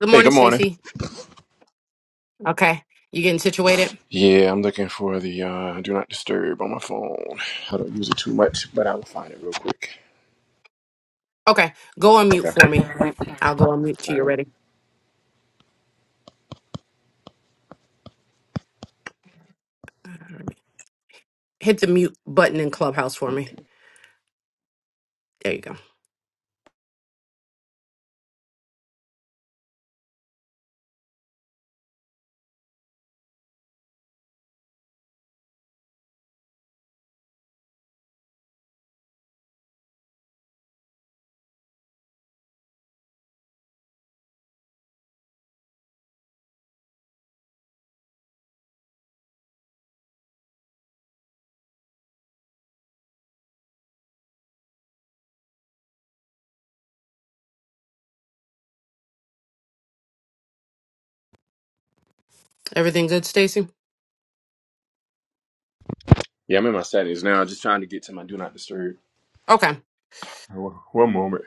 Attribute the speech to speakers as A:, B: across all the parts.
A: Good
B: Hey,
A: morning,
B: good morning.
A: Stacy. Okay. You getting situated?
B: Yeah, I'm looking for the uh, do not disturb on my phone. I don't use it too much, but I will find it real quick.
A: Okay. Go on mute
B: Okay.
A: for me. I'll
B: All
A: go on mute till you're
B: right.
A: ready. All right. Hit the mute button in Clubhouse for
B: Okay.
A: me. There you go. Everything good, Stacy?
B: Yeah, I'm in my settings now. Just trying to get to my do not disturb.
A: Okay.
B: One one moment.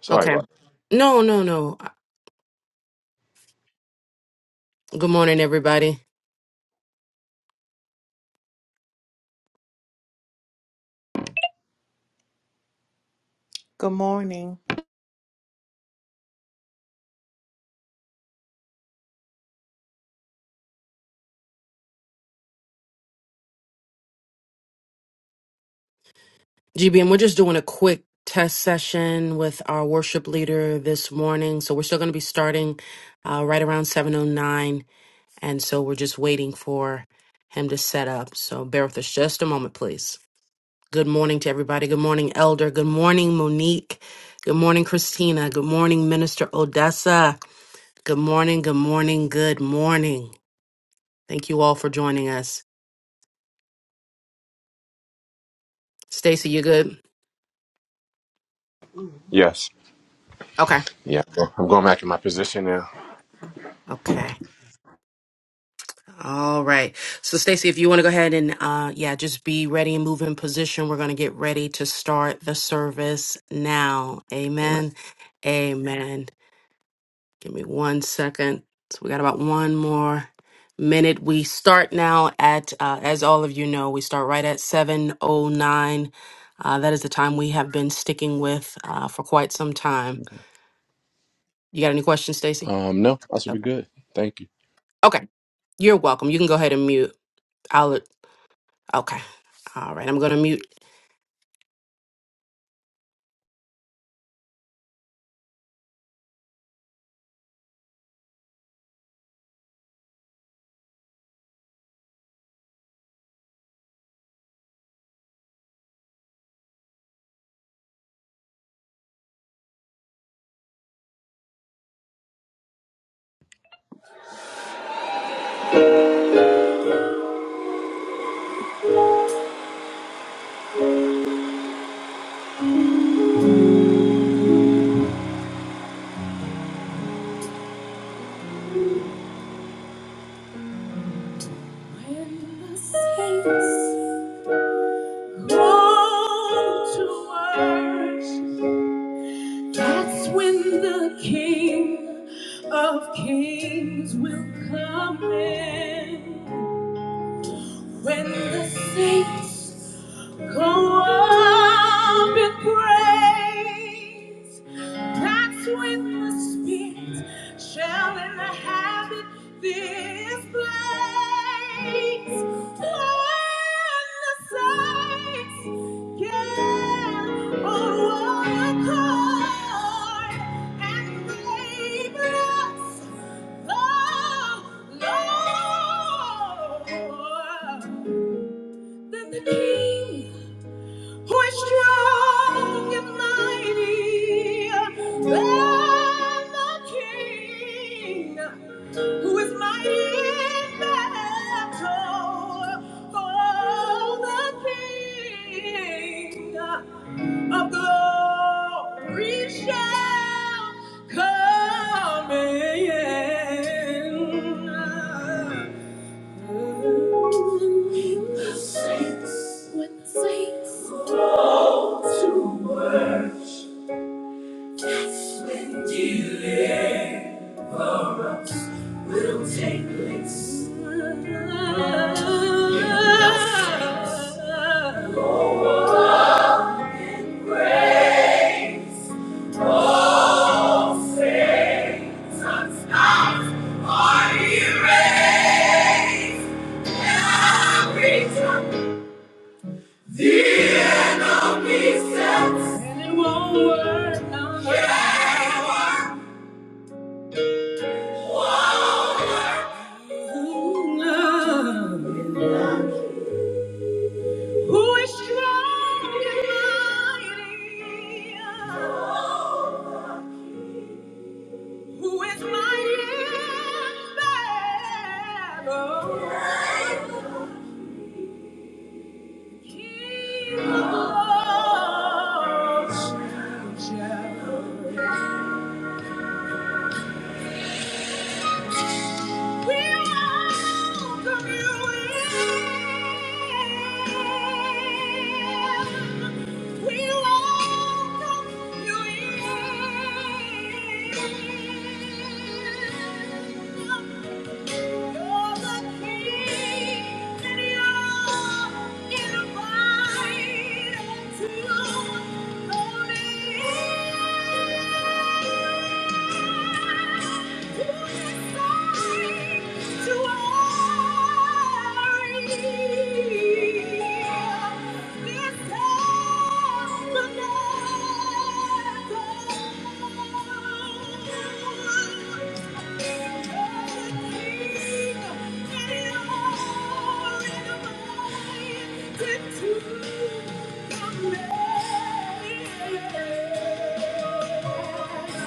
B: Sorry
A: Okay.
B: about that.
A: No, no, no. Good morning, everybody.
C: Good morning.
A: GBM, we're just doing a quick test session with our worship leader this morning. So we're still going to be starting uh, right around 7.09. And so we're just waiting for him to set up. So bear with us just a moment, please. Good morning to everybody. Good morning, Elder. Good morning, Monique. Good morning, Christina. Good morning, Minister Odessa. Good morning, good morning, good morning. Thank you all for joining us. Stacy, you good?
B: Yes.
A: Okay.
B: Yeah. I'm going back in my position now.
A: Okay. All right. So, Stacey, if you want to go ahead and, uh, yeah, just be ready and move in position. We're going to get ready to start the service now. Amen. Amen. Give me one second. So, we got about one more minute. We start now at, uh, as all of you know, we start right at 7.09. Uh, that is the time we have been sticking with uh, for quite some time. You got any questions, Stacey?
B: Um, no, I should be
A: Okay.
B: good. Thank you.
A: Okay. You're welcome. You can go ahead and mute. I'll, okay. All right, I'm going to mute
C: When the saints roll to worship, that's when the King of Kings will come in. When the saints go up in praise, that's when the Spirit shall inhabit this place. Lord, then the King. Who is strong and mighty. Than the King, who is mighty in battle. For the King of glory shall come in. When too much dear will take place. Grace all things unstopped are erased. And I'll be just- And it won't work on Who is strong and mighty? Who is mighty in battle? He loves. Thank you. Thank you.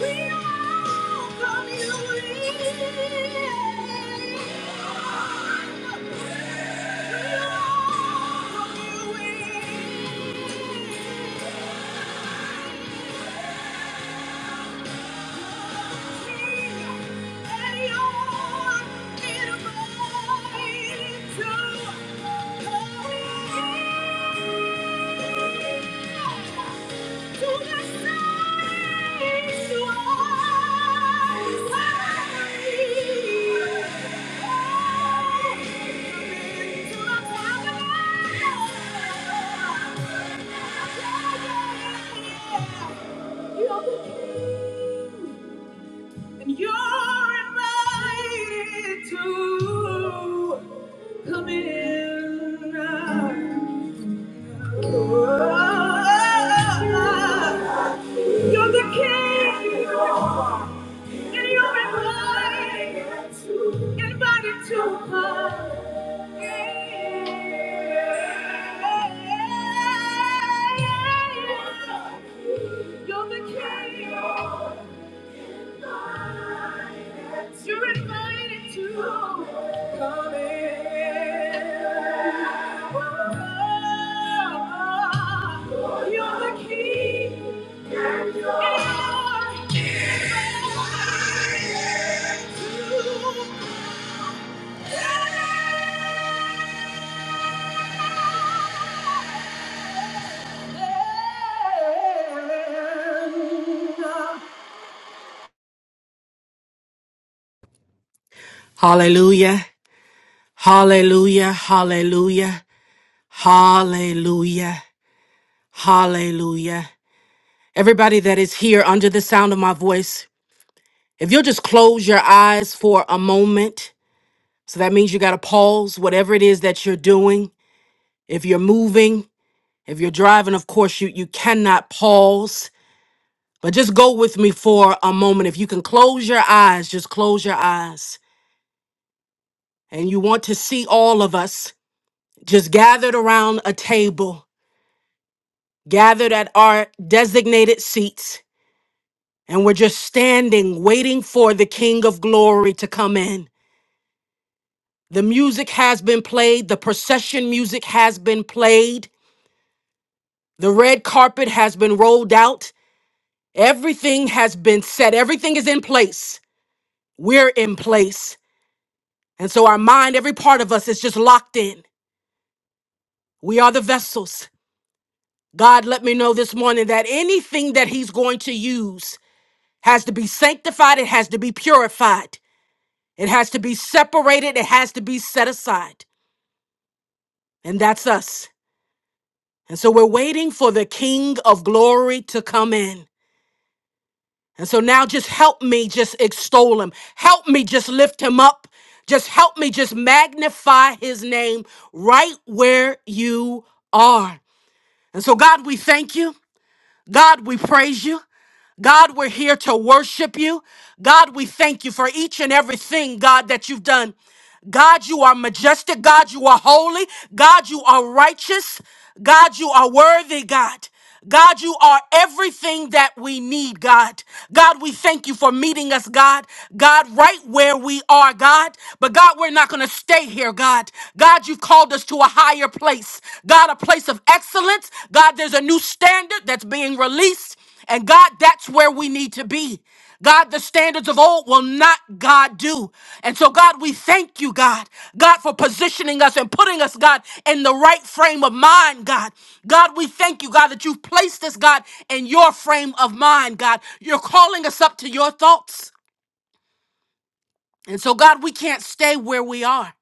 C: We welcome you in. We welcome you in. You're the king. And you're invited to come in. You're the king, and you're invited, invited to come. in. You're the king. You're invited to come in. Oh, You're the king. And you're invited to come in.
A: Hallelujah. Hallelujah. Hallelujah. Hallelujah. Hallelujah. Everybody that is here under the sound of my voice, if you'll just close your eyes for a moment. So that means you got to pause whatever it is that you're doing. If you're moving, if you're driving, of course, you, you cannot pause. But just go with me for a moment. If you can close your eyes, just close your eyes. And you want to see all of us just gathered around a table gathered at our designated seats, and we're just standing waiting for the King of Glory to come in. The music has been played, the procession music has been played, the red carpet has been rolled out, everything has been set, everything is in place. We're in place. And so our mind, every part of us is just locked in. We are the vessels. God let me know this morning that anything that He's going to use has to be sanctified, it has to be purified. It has to be separated, it has to be set aside. And that's us. And so we're waiting for the King of glory to come in. And so now just help me just extol him. Help me just lift him up. Just help me just magnify his name right where you are. And so, God, we thank you. God, we praise you. God, we're here to worship you. God, we thank you for each and everything, God, that you've done. God, you are majestic. God, you are holy. God, you are righteous. God, you are worthy, God. God, you are everything that we need, God. God, we thank you for meeting us, God. God, right where we are, God. But God, we're not going to stay here, God. God, you've called us to a higher place. God, a place of excellence. God, there's a new standard that's being released. And God, that's where we need to be. God, the standards of old will not, God, do. And so, God, we thank you, God, God, for positioning us and putting us, God, in the right frame of mind, God. God, we thank you, God, that you've placed us, God, in your frame of mind, God. You're calling us up to your thoughts. And so, God, we can't stay where we are.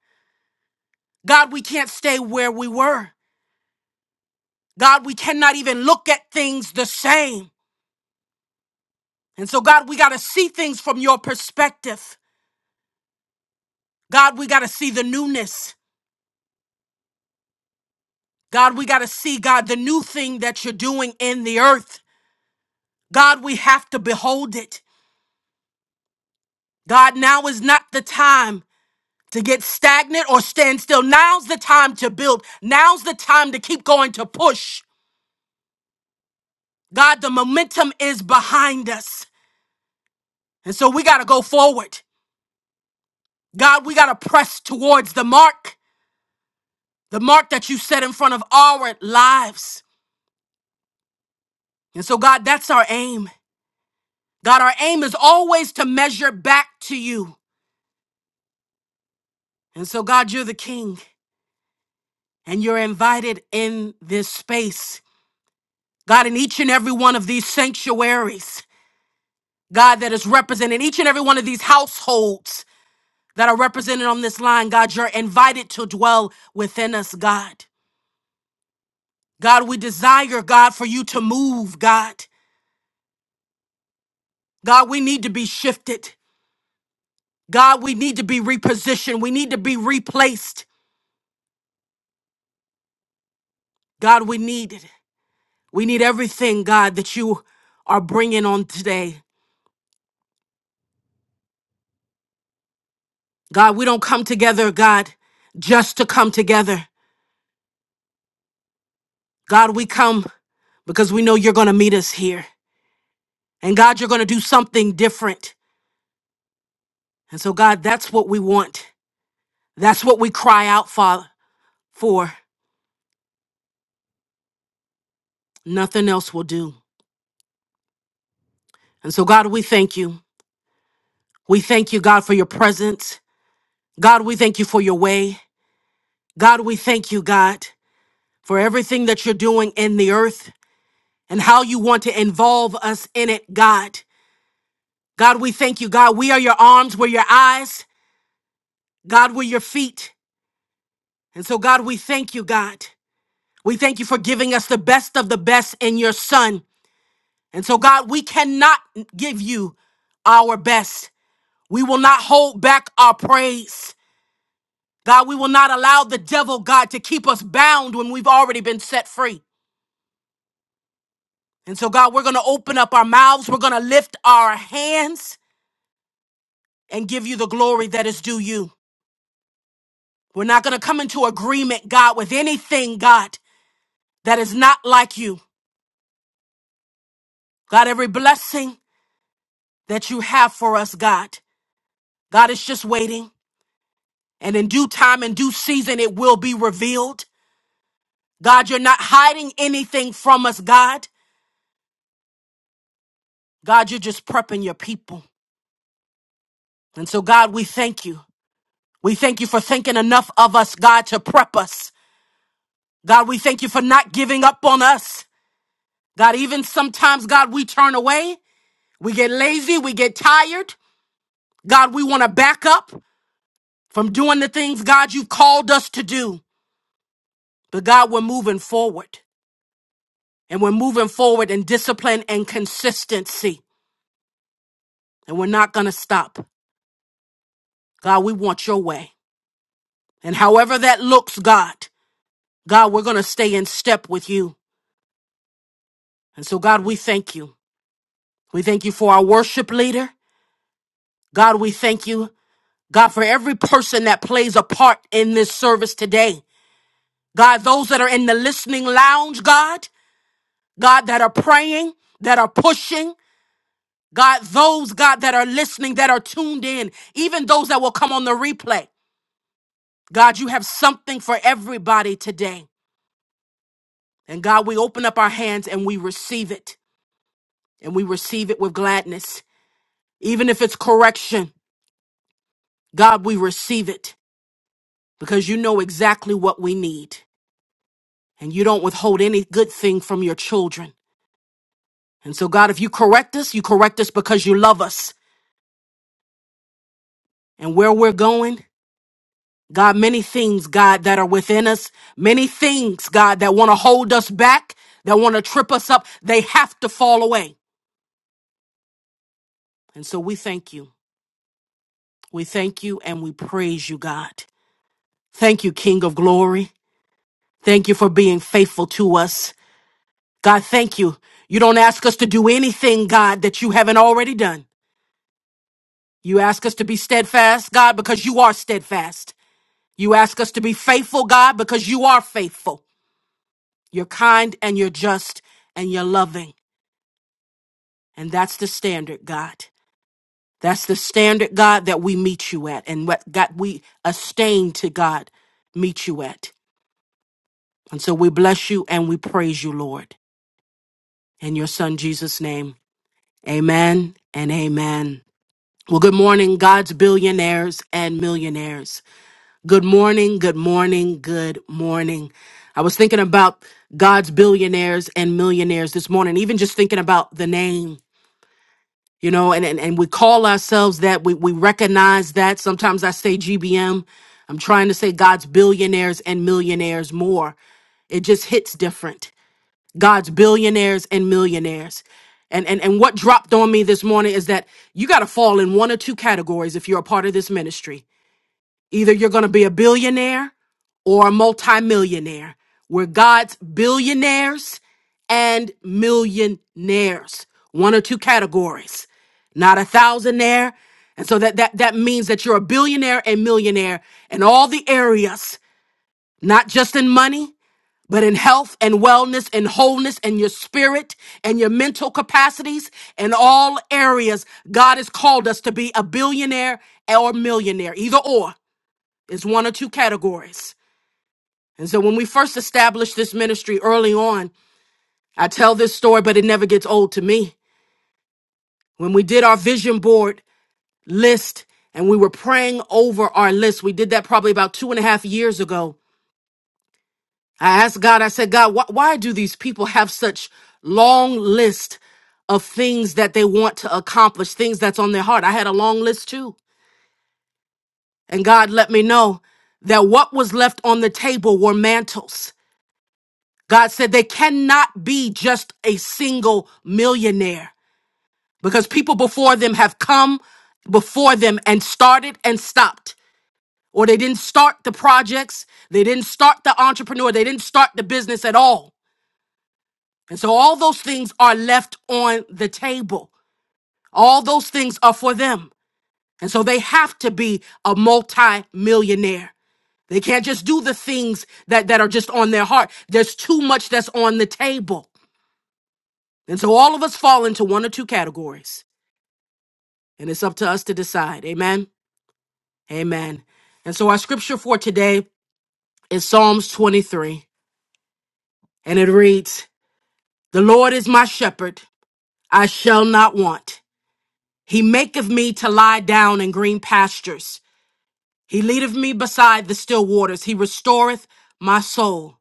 A: God, we can't stay where we were. God, we cannot even look at things the same. And so, God, we got to see things from your perspective. God, we got to see the newness. God, we got to see, God, the new thing that you're doing in the earth. God, we have to behold it. God, now is not the time to get stagnant or stand still. Now's the time to build. Now's the time to keep going to push. God, the momentum is behind us. And so we got to go forward. God, we got to press towards the mark, the mark that you set in front of our lives. And so, God, that's our aim. God, our aim is always to measure back to you. And so, God, you're the king. and you're invited in this space. God, in each and every one of these sanctuaries, God, that is represented, each and every one of these households that are represented on this line, God, you're invited to dwell within us, God. God, we desire, God, for you to move, God. God, we need to be shifted. God, we need to be repositioned. We need to be replaced. God, we need it. We need everything, God, that you are bringing on today. God, we don't come together, God, just to come together. God, we come because we know you're going to meet us here. And God, you're going to do something different. And so, God, that's what we want. That's what we cry out, Father, for. Nothing else will do. And so, God, we thank you. We thank you, God, for your presence. God, we thank you for your way. God, we thank you, God, for everything that you're doing in the earth and how you want to involve us in it, God. God, we thank you, God. We are your arms, we're your eyes. God, we're your feet. And so, God, we thank you, God. We thank you for giving us the best of the best in your Son. And so, God, we cannot give you our best. We will not hold back our praise. God, we will not allow the devil, God, to keep us bound when we've already been set free. And so, God, we're going to open up our mouths. We're going to lift our hands and give you the glory that is due you. We're not going to come into agreement, God, with anything, God, that is not like you. God, every blessing that you have for us, God, God is just waiting. And in due time and due season, it will be revealed. God, you're not hiding anything from us, God. God, you're just prepping your people. And so, God, we thank you. We thank you for thinking enough of us, God, to prep us. God, we thank you for not giving up on us. God, even sometimes, God, we turn away. We get lazy. We get tired. God, we want to back up. from doing the things, God, you've called us to do. But God, we're moving forward and we're moving forward in discipline and consistency. And we're not going to stop. God, we want your way. And however that looks, God, God, we're going to stay in step with you. And so, God, we thank you. We thank you for our worship leader. God, we thank you. God, for every person that plays a part in this service today. God, those that are in the listening lounge, God, God, that are praying, that are pushing. God, those, God, that are listening, that are tuned in, even those that will come on the replay. God, you have something for everybody today. And God, we open up our hands and we receive it. And we receive it with gladness. Even if it's correction, God, we receive it because you know exactly what we need. And you don't withhold any good thing from your children. And so, God, if you correct us, you correct us because you love us and where we're going. God, many things, God, that are within us, many things, God, that want to hold us back, that want to trip us up, they have to fall away. And so we thank you. We thank you and we praise you, God. Thank you, King of glory. Thank you for being faithful to us. God, thank you. You don't ask us to do anything, God, that you haven't already done. You ask us to be steadfast, God, because you are steadfast. You ask us to be faithful, God, because you are faithful. You're kind and you're just and you're loving. And that's the standard, God. That's the standard, God, that we meet you at and what God we abstain to God meet you at. And so we bless you and we praise you, Lord. In your son Jesus' name. Amen and amen. Well, good morning, God's billionaires and millionaires. Good morning, good morning, good morning. I was thinking about God's billionaires and millionaires this morning, even just thinking about the name. you know and, and and we call ourselves that we we recognize that sometimes i say gbm i'm trying to say god's billionaires and millionaires more it just hits different god's billionaires and millionaires and and, and what dropped on me this morning is that you got to fall in one or two categories if you're a part of this ministry Either you're going to be a billionaire or a multimillionaire. We're God's billionaires and millionaires. One or two categories, not a thousandaire. And so that, that, that means that you're a billionaire and millionaire in all the areas, not just in money, but in health and wellness and wholeness and your spirit and your mental capacities in all areas. God has called us to be a billionaire or millionaire, either or is one or two categories. And so when we first established this ministry early on, I tell this story, but it never gets old to me. When we did our vision board list and we were praying over our list, we did that probably about two and a half years ago. I asked God, I said, God, wh- why do these people have such long list of things that they want to accomplish, things that's on their heart? I had a long list too. And God let me know that what was left on the table were mantles. God said they cannot be just a single millionaire because people before them have come before them and started and stopped. Or they didn't start the projects, they didn't start the entrepreneur, they didn't start the business at all. And so all those things are left on the table. All those things are for them. And so they have to be a multi-millionaire. They can't just do the things that, that are just on their heart. There's too much that's on the table. And so all of us fall into one or two categories, and it's up to us to decide. Amen. Amen. And so our scripture for today is Psalms 23, and it reads The Lord is my shepherd, I shall not want. He maketh me to lie down in green pastures. He leadeth me beside the still waters. He restoreth my soul.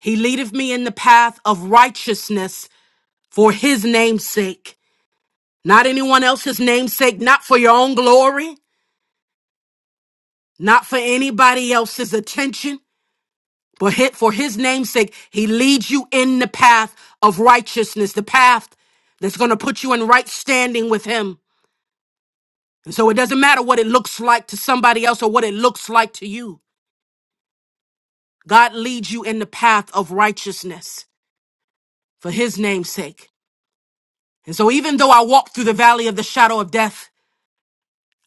A: He leadeth me in the path of righteousness for his name's sake. Not anyone else's name's sake, not for your own glory, not for anybody else's attention, but hit for his name's sake, he leads you in the path of righteousness, the path that's going to put you in right standing with him. And so it doesn't matter what it looks like to somebody else or what it looks like to you. God leads you in the path of righteousness for his name's sake. And so even though I walk through the valley of the shadow of death,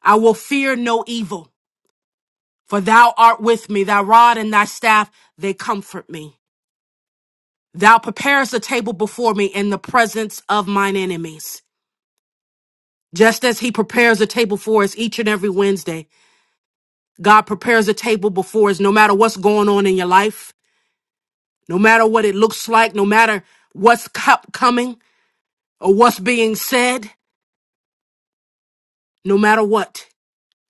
A: I will fear no evil, for thou art with me, thy rod and thy staff, they comfort me. Thou preparest a table before me in the presence of mine enemies. Just as he prepares a table for us each and every Wednesday, God prepares a table before us no matter what's going on in your life, no matter what it looks like, no matter what's co- coming or what's being said, no matter what,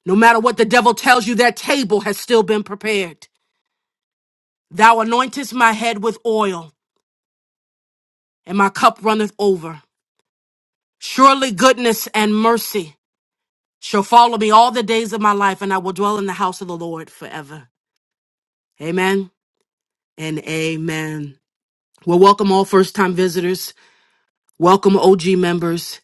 A: no matter what the devil tells you, that table has still been prepared. Thou anointest my head with oil and my cup runneth over. Surely goodness and mercy shall follow me all the days of my life, and I will dwell in the house of the Lord forever. Amen and amen. Well, welcome all first time visitors. Welcome OG members.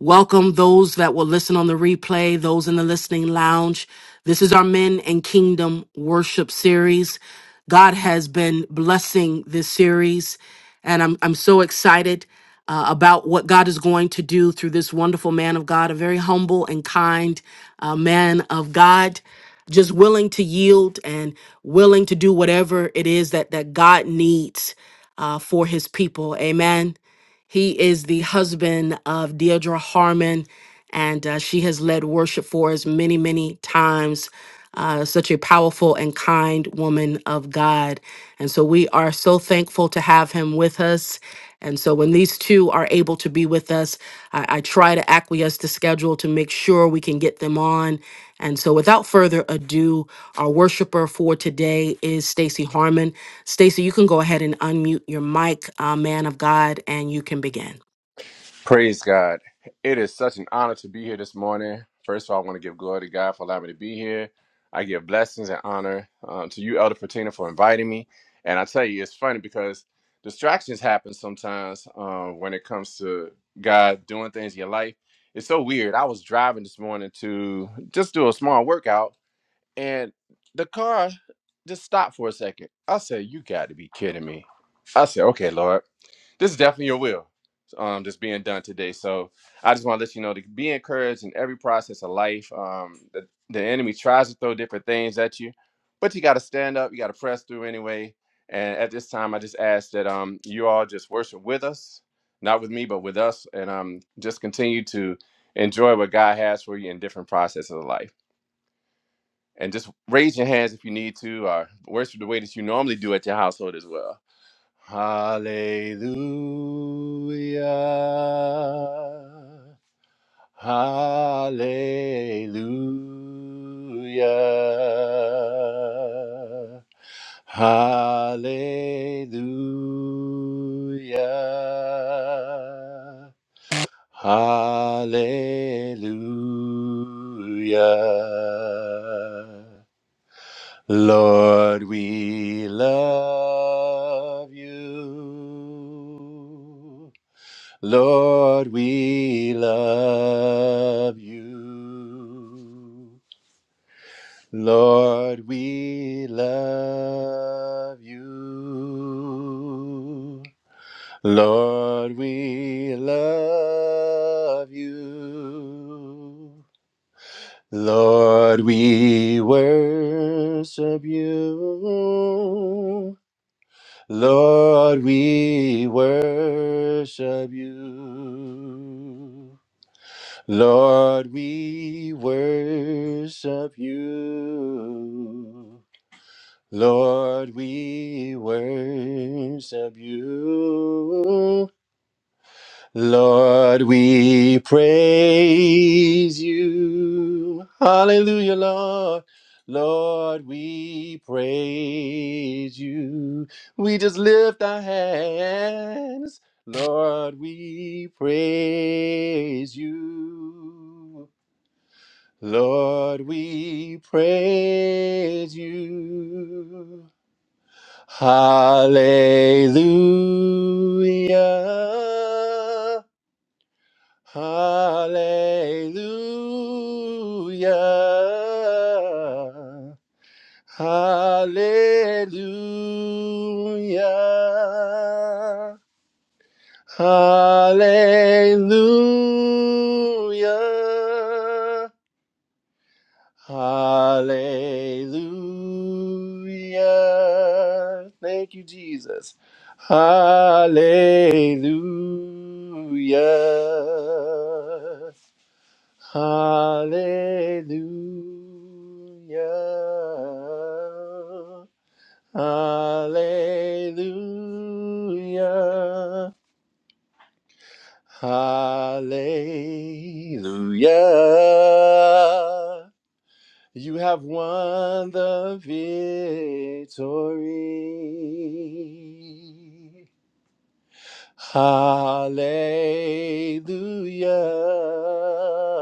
A: Welcome those that will listen on the replay, those in the listening lounge. This is our Men and Kingdom worship series. God has been blessing this series, and I'm, I'm so excited uh, about what God is going to do through this wonderful man of God, a very humble and kind uh, man of God, just willing to yield and willing to do whatever it is that, that God needs uh, for his people. Amen. He is the husband of Deidre Harmon, and uh, she has led worship for us many, many times. Uh, such a powerful and kind woman of God. And so we are so thankful to have him with us. And so when these two are able to be with us, I, I try to acquiesce to schedule to make sure we can get them on. And so without further ado, our worshiper for today is Stacy Harmon. Stacey, you can go ahead and unmute your mic, uh, man of God, and you can begin.
B: Praise God. It is such an honor to be here this morning. First of all, I want to give glory to God for allowing me to be here. I give blessings and honor um, to you, Elder Patina, for inviting me. And I tell you, it's funny because distractions happen sometimes um, when it comes to God doing things in your life. It's so weird. I was driving this morning to just do a small workout, and the car just stopped for a second. I said, You got to be kidding me. I said, Okay, Lord this is definitely your will um that's being done today so i just want to let you know to be encouraged in every process of life um the, the enemy tries to throw different things at you but you got to stand up you got to press through anyway and at this time i just ask that um you all just worship with us not with me but with us and um just continue to enjoy what god has for you in different processes of life and just raise your hands if you need to or worship the way that you normally do at your household as well Hallelujah. Hallelujah. Hallelujah. Hallelujah. Lord, we love you. Lord, we love you. Lord, we love you. Lord, we love you. Lord, we worship you. Lord, we worship you. Lord, we worship you. Lord, we worship you. Lord, we praise you. Hallelujah, Lord. Lord, we praise you. We just lift our hands. Lord, we praise you. Lord, we praise you. Hallelujah. Hallelujah. Hallelujah. Hallelujah. Hallelujah. Thank you, Jesus. Hallelujah. Hallelujah. Hallelujah. Hallelujah. You have won the victory. Hallelujah.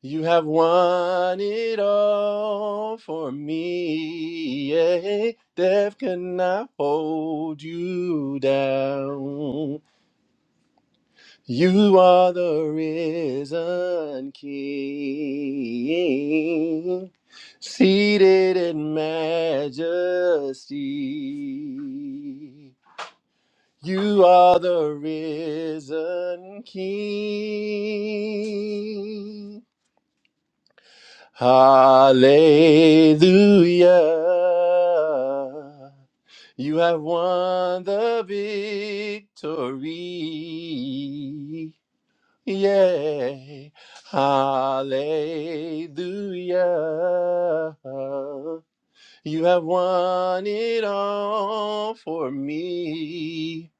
B: You have won it all for me. Yeah. Death cannot hold you down. You are the risen King, seated in majesty. You are the risen King. Hallelujah. You have won the victory. Yay. Hallelujah. You have won it all for me.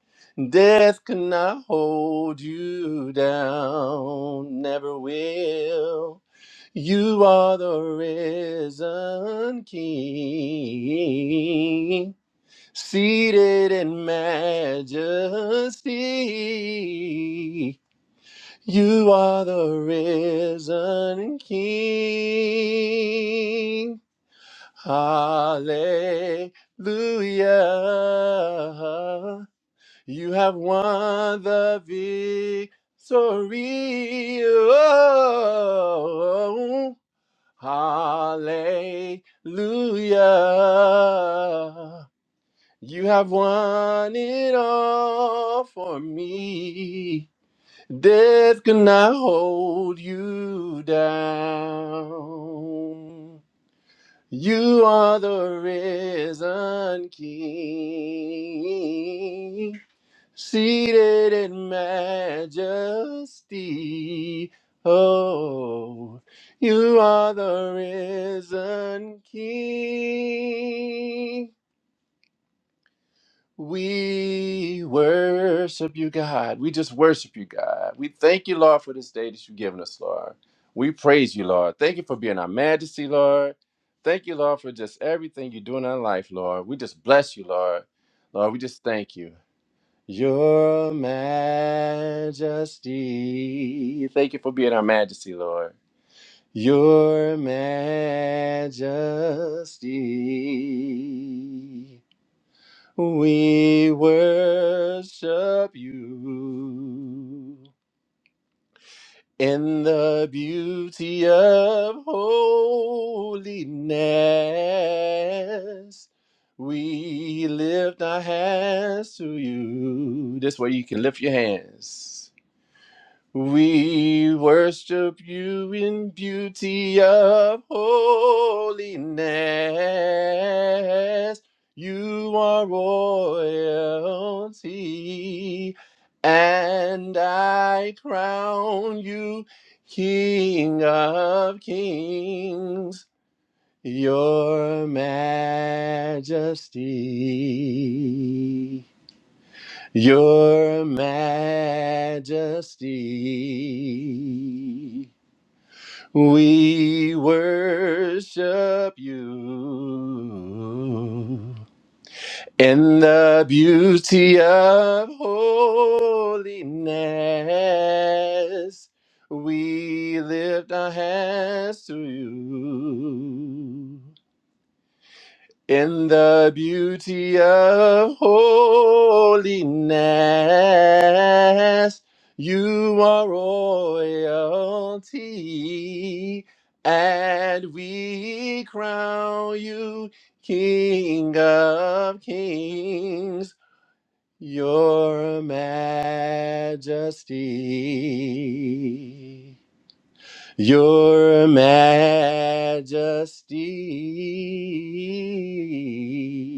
B: Death cannot hold you down, never will. You are the risen King, seated in majesty. You are the risen King. Hallelujah. You have won the victory. Oh. Hallelujah. You have won it all for me. Death cannot hold you down. You are the risen King seated in majesty. Oh, you are the risen King. We worship you, God. We just worship you, God. We thank you, Lord, for this day that you've given us, Lord. We praise you, Lord. Thank you for being our majesty, Lord. Thank you, Lord, for just everything you do in our life, Lord. We just bless you, Lord. Lord, we just thank you. Your majesty. Thank you for being our majesty, Lord. Your majesty. We worship you in the beauty of holiness. We lift our hands to you. This way you can lift your hands. We worship you in beauty of holiness. You are royalty, and I crown you King of kings, your majesty. Your majesty, we worship you in the beauty of holiness. We lift our hands to you. In the beauty of holiness, you are royalty, and we crown you King of Kings, Your Majesty. Your Majesty.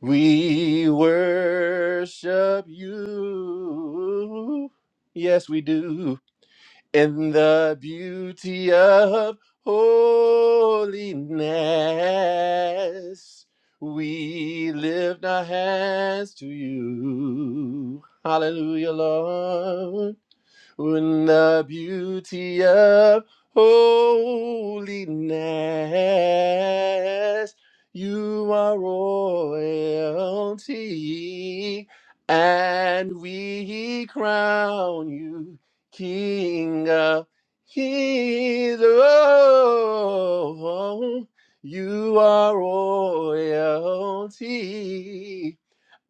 B: We worship you. Yes, we do. In the beauty of holiness, we lift our hands to you. Hallelujah, Lord in the beauty of holiness. You are royalty, and we crown you King of Kings. Oh, you are royalty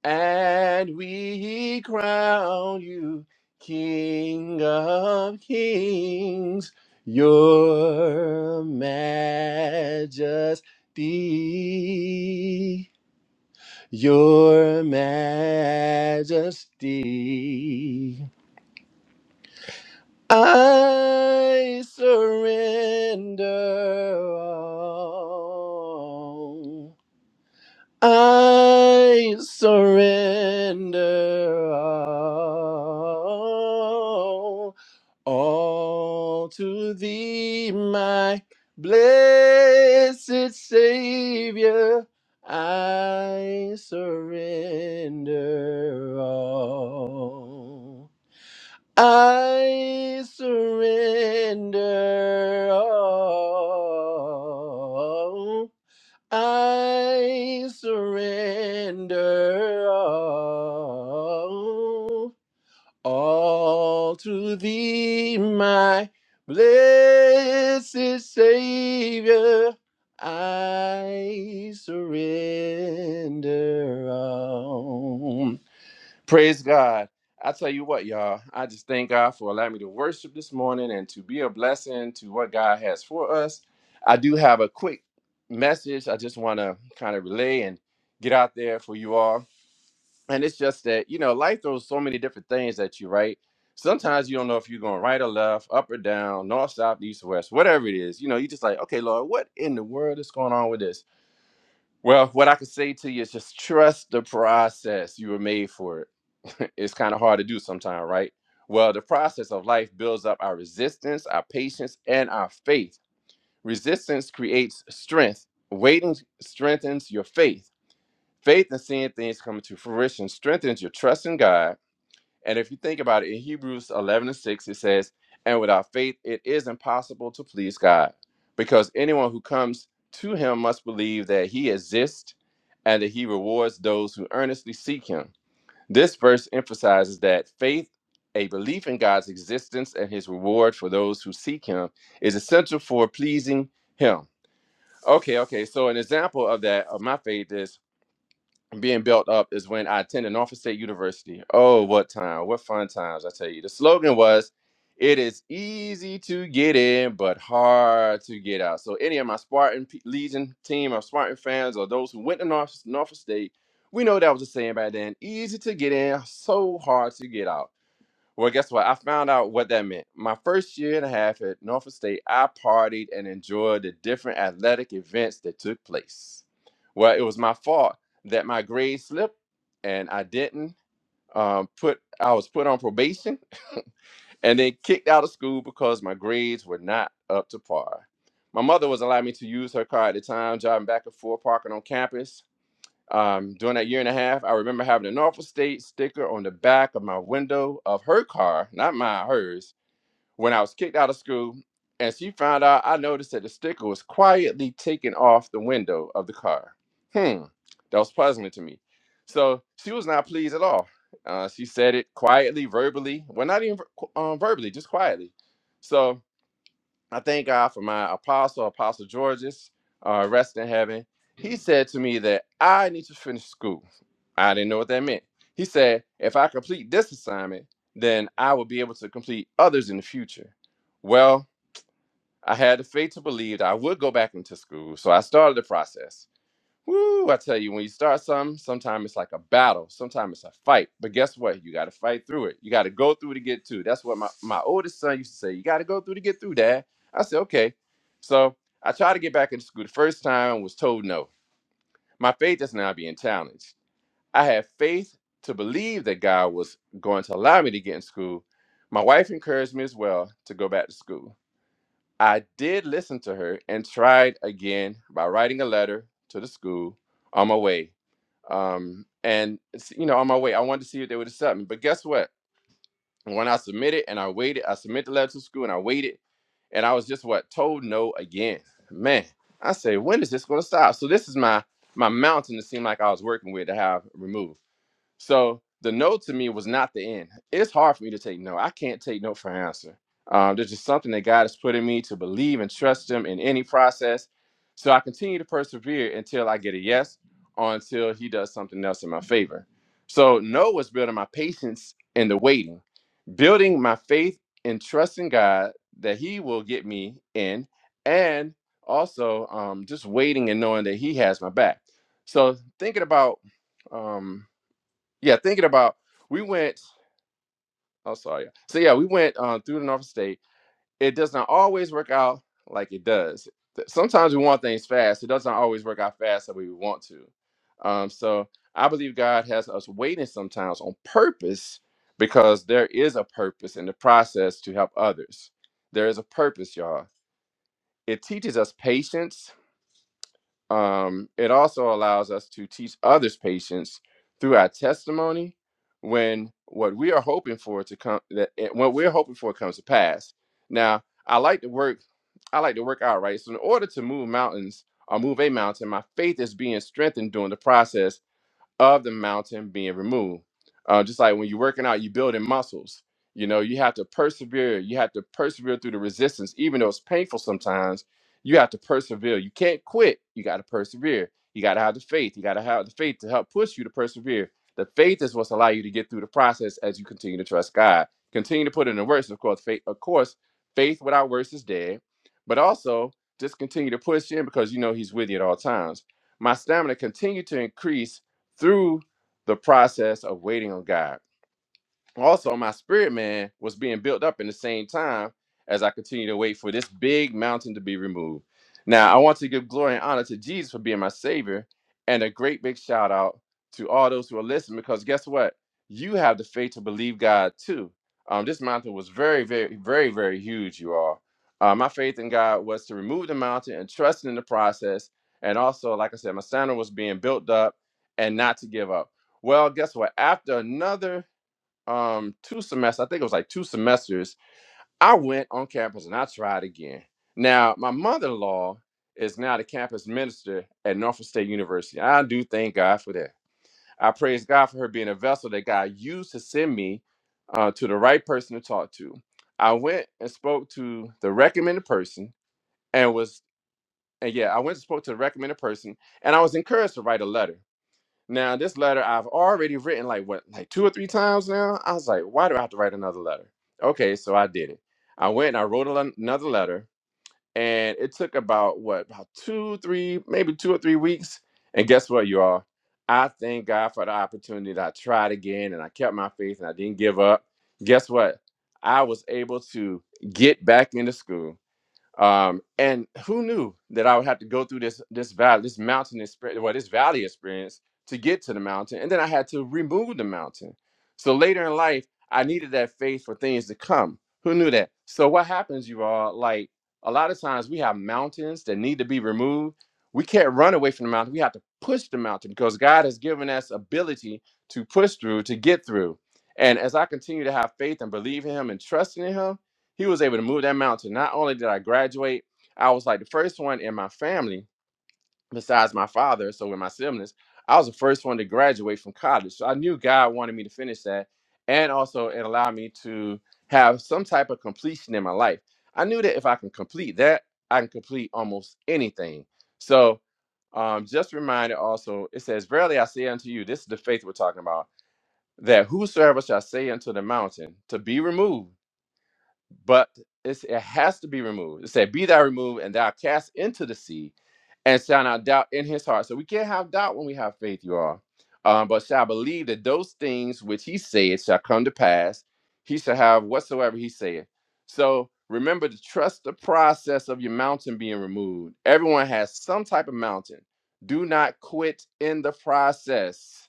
B: and we crown you King of Kings, your majesty, your majesty. I surrender all. I surrender all, all to thee, my blessed Savior. I surrender all. I surrender all. I surrender all, all to thee, my blessed Savior. I surrender all. Praise God. I tell you what, y'all, I just thank God for allowing me to worship this morning and to be a blessing to what God has for us. I do have a quick message I just want to kind of relay and get out there for you all. And it's just that, you know, life throws so many different things at you, right? Sometimes you don't know if you're going right or left, up or down, north, south, east, west, whatever it is. You know, you just like, okay, Lord, what in the world is going on with this? Well, what I can say to you is just trust the process. You were made for it. it's kind of hard to do sometimes, right? Well, the process of life builds up our resistance, our patience, and our faith. Resistance creates strength. Waiting strengthens your faith. Faith in seeing things come to fruition strengthens your trust in God and if you think about it, in Hebrews 11 and 6, it says, And without faith, it is impossible to please God, because anyone who comes to him must believe that he exists and that he rewards those who earnestly seek him. This verse emphasizes that faith, a belief in God's existence and his reward for those who seek him, is essential for pleasing him. Okay, okay. So, an example of that, of my faith is being built up is when I attended Norfolk State University. Oh, what time? What fun times, I tell you. The slogan was, It is easy to get in, but hard to get out. So, any of my Spartan P- Legion team, or Spartan fans, or those who went to North, Norfolk State, we know that was a saying back then easy to get in, so hard to get out. Well, guess what? I found out what that meant. My first year and a half at Norfolk State, I partied and enjoyed the different athletic events that took place. Well, it was my fault that my grades slipped and I didn't um, put, I was put on probation and then kicked out of school because my grades were not up to par. My mother was allowing me to use her car at the time, driving back and forth, parking on campus. Um, during that year and a half, I remember having a Norfolk State sticker on the back of my window of her car, not mine, hers, when I was kicked out of school. And she found out I noticed that the sticker was quietly taken off the window of the car. Hmm, that was puzzling to me. So she was not pleased at all. Uh, she said it quietly, verbally. Well, not even um, verbally, just quietly. So I thank God for my apostle, Apostle Georges, uh, rest in heaven. He said to me that I need to finish school. I didn't know what that meant. He said, if I complete this assignment, then I will be able to complete others in the future. Well, I had the faith to believe that I would go back into school, so I started the process. Woo, I tell you, when you start something, sometimes it's like a battle, sometimes it's a fight. But guess what? You got to fight through it. You got to go through to get to. it. That's what my, my oldest son used to say. You got to go through to get through, Dad. I said, okay. So I tried to get back into school. The first time I was told no. My faith is now being challenged. I had faith to believe that God was going to allow me to get in school. My wife encouraged me as well to go back to school. I did listen to her and tried again by writing a letter to the school on my way um, and it's, you know, on my way, I wanted to see if they would accept me. But guess what? When I submitted and I waited, I submitted the letter to school and I waited, and I was just what told no again. Man, I say, when is this going to stop? So this is my my mountain. It seemed like I was working with to have removed. So the no to me was not the end. It's hard for me to take no. I can't take no for an answer. Um, there's just something that God has put in me to believe and trust Him in any process. So I continue to persevere until I get a yes or until He does something else in my favor. So no was building my patience in the waiting, building my faith and trusting God that He will get me in, and also um, just waiting and knowing that He has my back. So thinking about. Um, yeah, thinking about we went. Oh, sorry. So yeah, we went um, through the North State. It does not always work out like it does. Th- Sometimes we want things fast. It doesn't always work out fast that we want to. Um, so I believe God has us waiting sometimes on purpose because there is a purpose in the process to help others. There is a purpose, y'all. It teaches us patience um, it also allows us to teach others patience through our testimony when what we are hoping for to come that eh, what we're hoping for comes to pass now i like to work i like to work out right so in order to move mountains or move a mountain my faith is being strengthened during the process of the mountain being removed. Uh, just like when you're working out, you're building muscles. You know, you have to persevere. You have to persevere through the resistance, even though it's painful sometimes. You have to persevere. You can't quit. You got to persevere. You got to have the faith. You got to have the faith to help push you to persevere. The faith is what's allow you to get through the process as you continue to trust God. Continue to put in the works, of course. Faith, of course, faith without works is dead. But also, just continue to push in because you know He's with you at all times. My stamina continued to increase through the process of waiting on God also my spirit man was being built up in the same time as I continue to wait for this big mountain to be removed. Now, I want to give glory and honor to Jesus for being my savior and a great big shout out to all those who are listening because guess what? You have the faith to believe God too. Um, this mountain was very, very, very, very huge, you all. Uh, my faith in God was to remove the mountain and trusting in the process. And also, like I said, my standard was being built up and not to give up. Well, guess what? After another um two semesters, I think it was like two semesters, I went on campus and I tried again. Now, my mother-in-law is now the campus minister at Norfolk State University. I do thank God for that. I praise God for her being a vessel that God used to send me uh, to the right person to talk to. I went and spoke to the recommended person and was and yeah, I went and spoke to the recommended person and I was encouraged to write a letter. Now, this letter I've already written like what, like two or three times now. I was like, why do I have to write another letter? Okay, so I did it. I went and I wrote a le- another letter, and it took about what, about two, three, maybe two or three weeks. And guess what, you all? I thank God for the opportunity that I tried again and I kept my faith and I didn't give up. Guess what? I was able to get back into school um, and who knew that I would have to go through this this valley, this mountain experience, well, this valley experience to get to the mountain, and then I had to remove the mountain. So later in life, I needed that faith for things to come. Who knew that? So what happens, you all? Like a lot of times, we have mountains that need to be removed. We can't run away from the mountain. We have to push the mountain because God has given us ability to push through, to get through. And as I continue to have faith and believe in Him and trusting in Him, he was able to move that mountain. Not only did I graduate, I was like the first one in my family, besides my father, so with my siblings, I was the first one to graduate from college. So I knew God wanted me to finish that and also it allowed me to have some type of completion in my life. I knew that if I can complete that, I can complete almost anything. So um, just reminded also, it says, Verily I say unto you, this is the faith we're talking about, that whosoever shall say unto the mountain to be removed but it's, it has to be removed. It said, "Be thou removed and thou cast into the sea, and shall not doubt in his heart." So we can't have doubt when we have faith, you all. Um, but shall believe that those things which he said shall come to pass. He shall have whatsoever he saith. So remember to trust the process of your mountain being removed. Everyone has some type of mountain. Do not quit in the process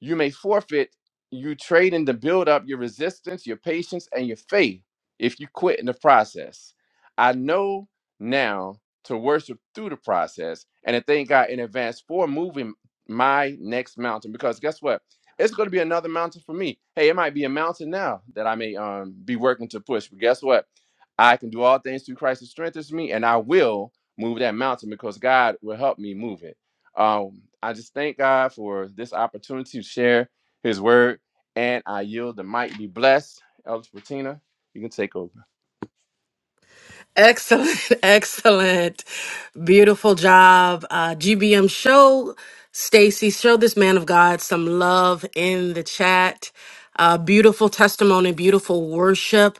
B: you may forfeit. You trade in to build up your resistance, your patience, and your faith if you quit in the process. I know now to worship through the process and to thank God in advance for moving my next mountain because guess what? It's going to be another mountain for me. Hey, it might be a mountain now that I may um, be working to push, but guess what? I can do all things through Christ who strengthens me, and I will move that mountain because God will help me move it. Um, I just thank God for this opportunity to share His word, and I yield the mic. Be blessed, Elder Patina. You can take over.
A: Excellent, excellent, beautiful job, uh, GBM. Show Stacy, show this man of God some love in the chat. Uh, beautiful testimony, beautiful worship.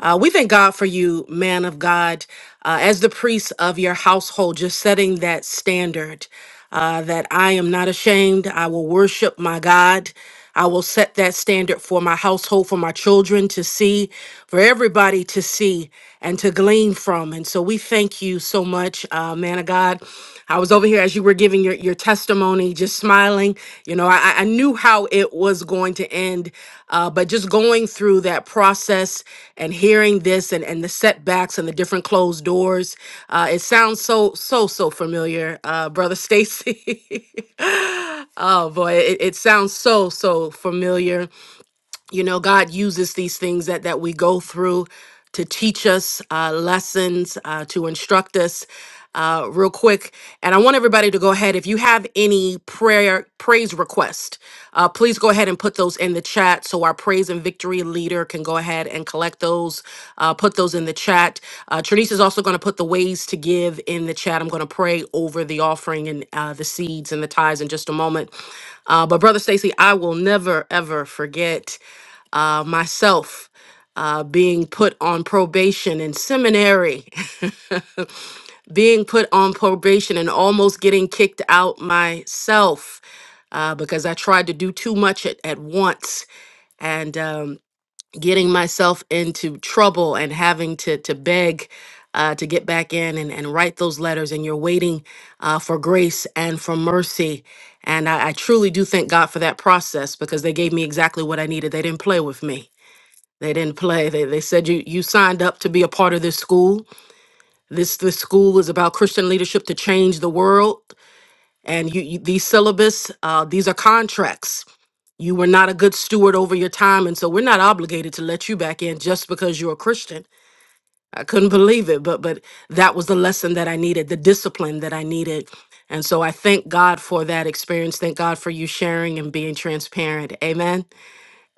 A: Uh, we thank God for you, man of God, uh, as the priest of your household, just setting that standard uh, that I am not ashamed. I will worship my God. I will set that standard for my household, for my children to see, for everybody to see and to glean from. And so we thank you so much, uh, man of God. I was over here as you were giving your, your testimony, just smiling. You know, I, I knew how it was going to end, uh, but just going through that process and hearing this and, and the setbacks and the different closed doors, uh, it sounds so, so, so familiar, uh, Brother Stacy. oh boy, it, it sounds so so familiar you know god uses these things that that we go through to teach us uh, lessons uh, to instruct us uh, real quick and i want everybody to go ahead if you have any prayer praise request uh, please go ahead and put those in the chat so our praise and victory leader can go ahead and collect those uh, put those in the chat uh, Trinice is also going to put the ways to give in the chat i'm going to pray over the offering and uh, the seeds and the tithes in just a moment uh, but brother stacy i will never ever forget uh, myself uh, being put on probation in seminary, being put on probation and almost getting kicked out myself uh, because I tried to do too much at, at once and um, getting myself into trouble and having to, to beg. Uh, to get back in and, and write those letters, and you're waiting uh, for grace and for mercy. And I, I truly do thank God for that process because they gave me exactly what I needed. They didn't play with me they didn't play. They, they said you you signed up to be a part of this school. This this school is about Christian leadership to change the world. And you, you these syllabus, uh, these are contracts. You were not a good steward over your time, and so we're not obligated to let you back in just because you're a Christian. I couldn't believe it, but but that was the lesson that I needed, the discipline that I needed. And so I thank God for that experience. Thank God for you sharing and being transparent. Amen.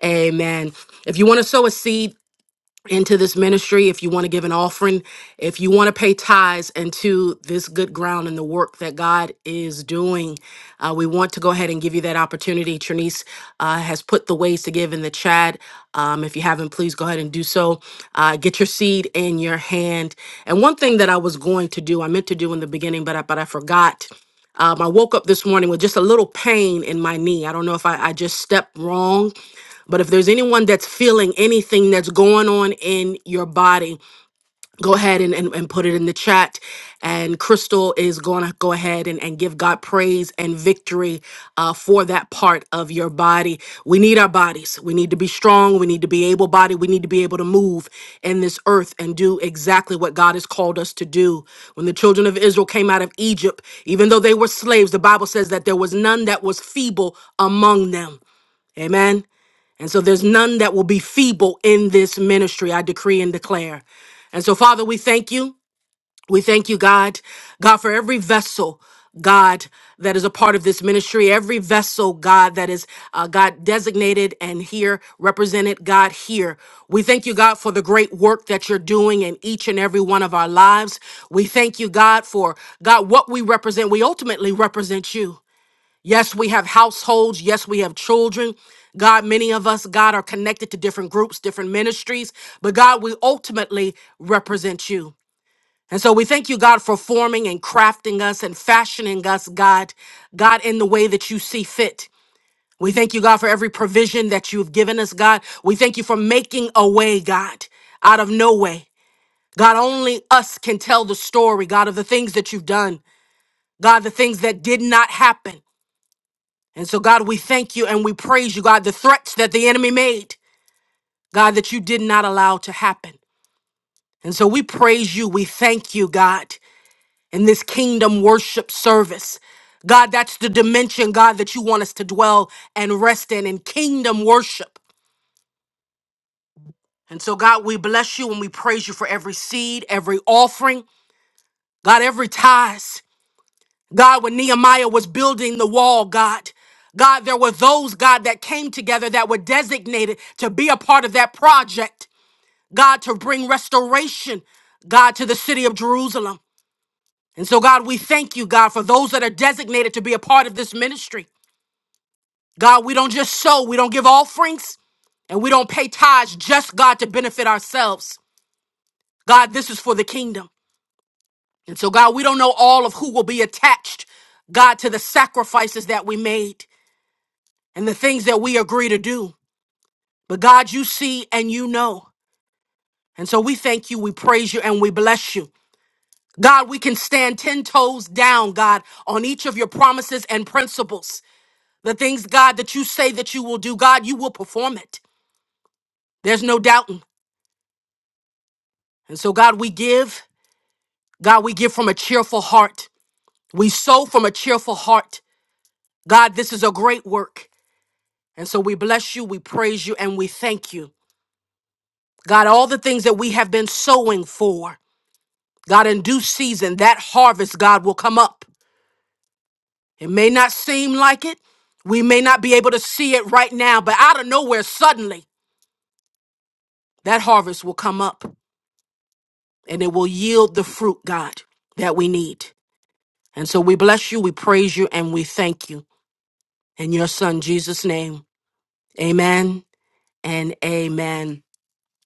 A: Amen. If you want to sow a seed, into this ministry, if you want to give an offering, if you want to pay tithes into this good ground and the work that God is doing, uh, we want to go ahead and give you that opportunity. Trinice uh, has put the ways to give in the chat. Um, if you haven't, please go ahead and do so. Uh, get your seed in your hand. And one thing that I was going to do, I meant to do in the beginning, but I, but I forgot. Um, I woke up this morning with just a little pain in my knee. I don't know if I, I just stepped wrong but if there's anyone that's feeling anything that's going on in your body, go ahead and, and, and put it in the chat. And Crystal is going to go ahead and, and give God praise and victory uh, for that part of your body. We need our bodies. We need to be strong. We need to be able bodied. We need to be able to move in this earth and do exactly what God has called us to do. When the children of Israel came out of Egypt, even though they were slaves, the Bible says that there was none that was feeble among them. Amen. And so there's none that will be feeble in this ministry, I decree and declare. And so, Father, we thank you. We thank you, God, God, for every vessel, God, that is a part of this ministry, every vessel, God, that is, uh, God, designated and here represented, God, here. We thank you, God, for the great work that you're doing in each and every one of our lives. We thank you, God, for, God, what we represent. We ultimately represent you. Yes, we have households. Yes, we have children. God, many of us, God, are connected to different groups, different ministries, but God, we ultimately represent you. And so we thank you, God, for forming and crafting us and fashioning us, God, God, in the way that you see fit. We thank you, God, for every provision that you've given us, God. We thank you for making a way, God, out of no way. God, only us can tell the story, God, of the things that you've done. God, the things that did not happen. And so, God, we thank you and we praise you, God, the threats that the enemy made, God, that you did not allow to happen. And so we praise you. We thank you, God, in this kingdom worship service. God, that's the dimension, God, that you want us to dwell and rest in, in kingdom worship. And so, God, we bless you and we praise you for every seed, every offering, God, every tithe. God, when Nehemiah was building the wall, God, God, there were those, God, that came together that were designated to be a part of that project, God, to bring restoration, God, to the city of Jerusalem. And so, God, we thank you, God, for those that are designated to be a part of this ministry. God, we don't just sow, we don't give offerings, and we don't pay tithes just, God, to benefit ourselves. God, this is for the kingdom. And so, God, we don't know all of who will be attached, God, to the sacrifices that we made. and the things that we agree to do. But God, you see and you know. And so we thank you, we praise you, and we bless you. God, we can stand 10 toes down, God, on each of your promises and principles. The things, God, that you say that you will do, God, you will perform it. There's no doubting. And so, God, we give. God, we give from a cheerful heart. We sow from a cheerful heart. God, this is a great work. And so we bless you, we praise you, and we thank you. God, all the things that we have been sowing for. God, in due season, that harvest, God, will come up. It may not seem like it. We may not be able to see it right now, but out of nowhere, suddenly, that harvest will come up and it will yield the fruit, God, that we need. And so we bless you, we praise you, and we thank you. In your son, Jesus' name, amen and amen.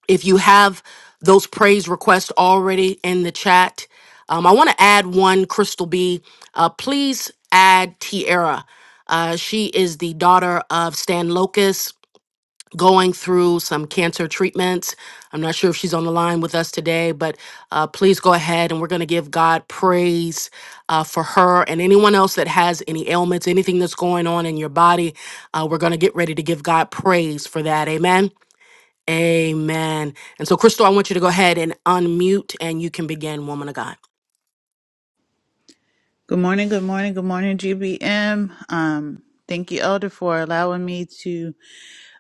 A: If you have those praise requests already in the chat, um, I want to add one, Crystal B. Uh, please add Tierra. Uh, she is the daughter of Stan Locust going through some cancer treatments. I'm not sure if she's on the line with us today, but uh, please go ahead and we're going to give God praise uh, for her and anyone else that has any ailments, anything that's going on in your body. Uh, we're going to get ready to give God praise for that. Amen. Amen. And so, Crystal, I want you to go ahead and unmute and you can begin, woman of God.
D: Good morning, good morning, good morning, GBM. Um, thank you, Elder, for allowing me to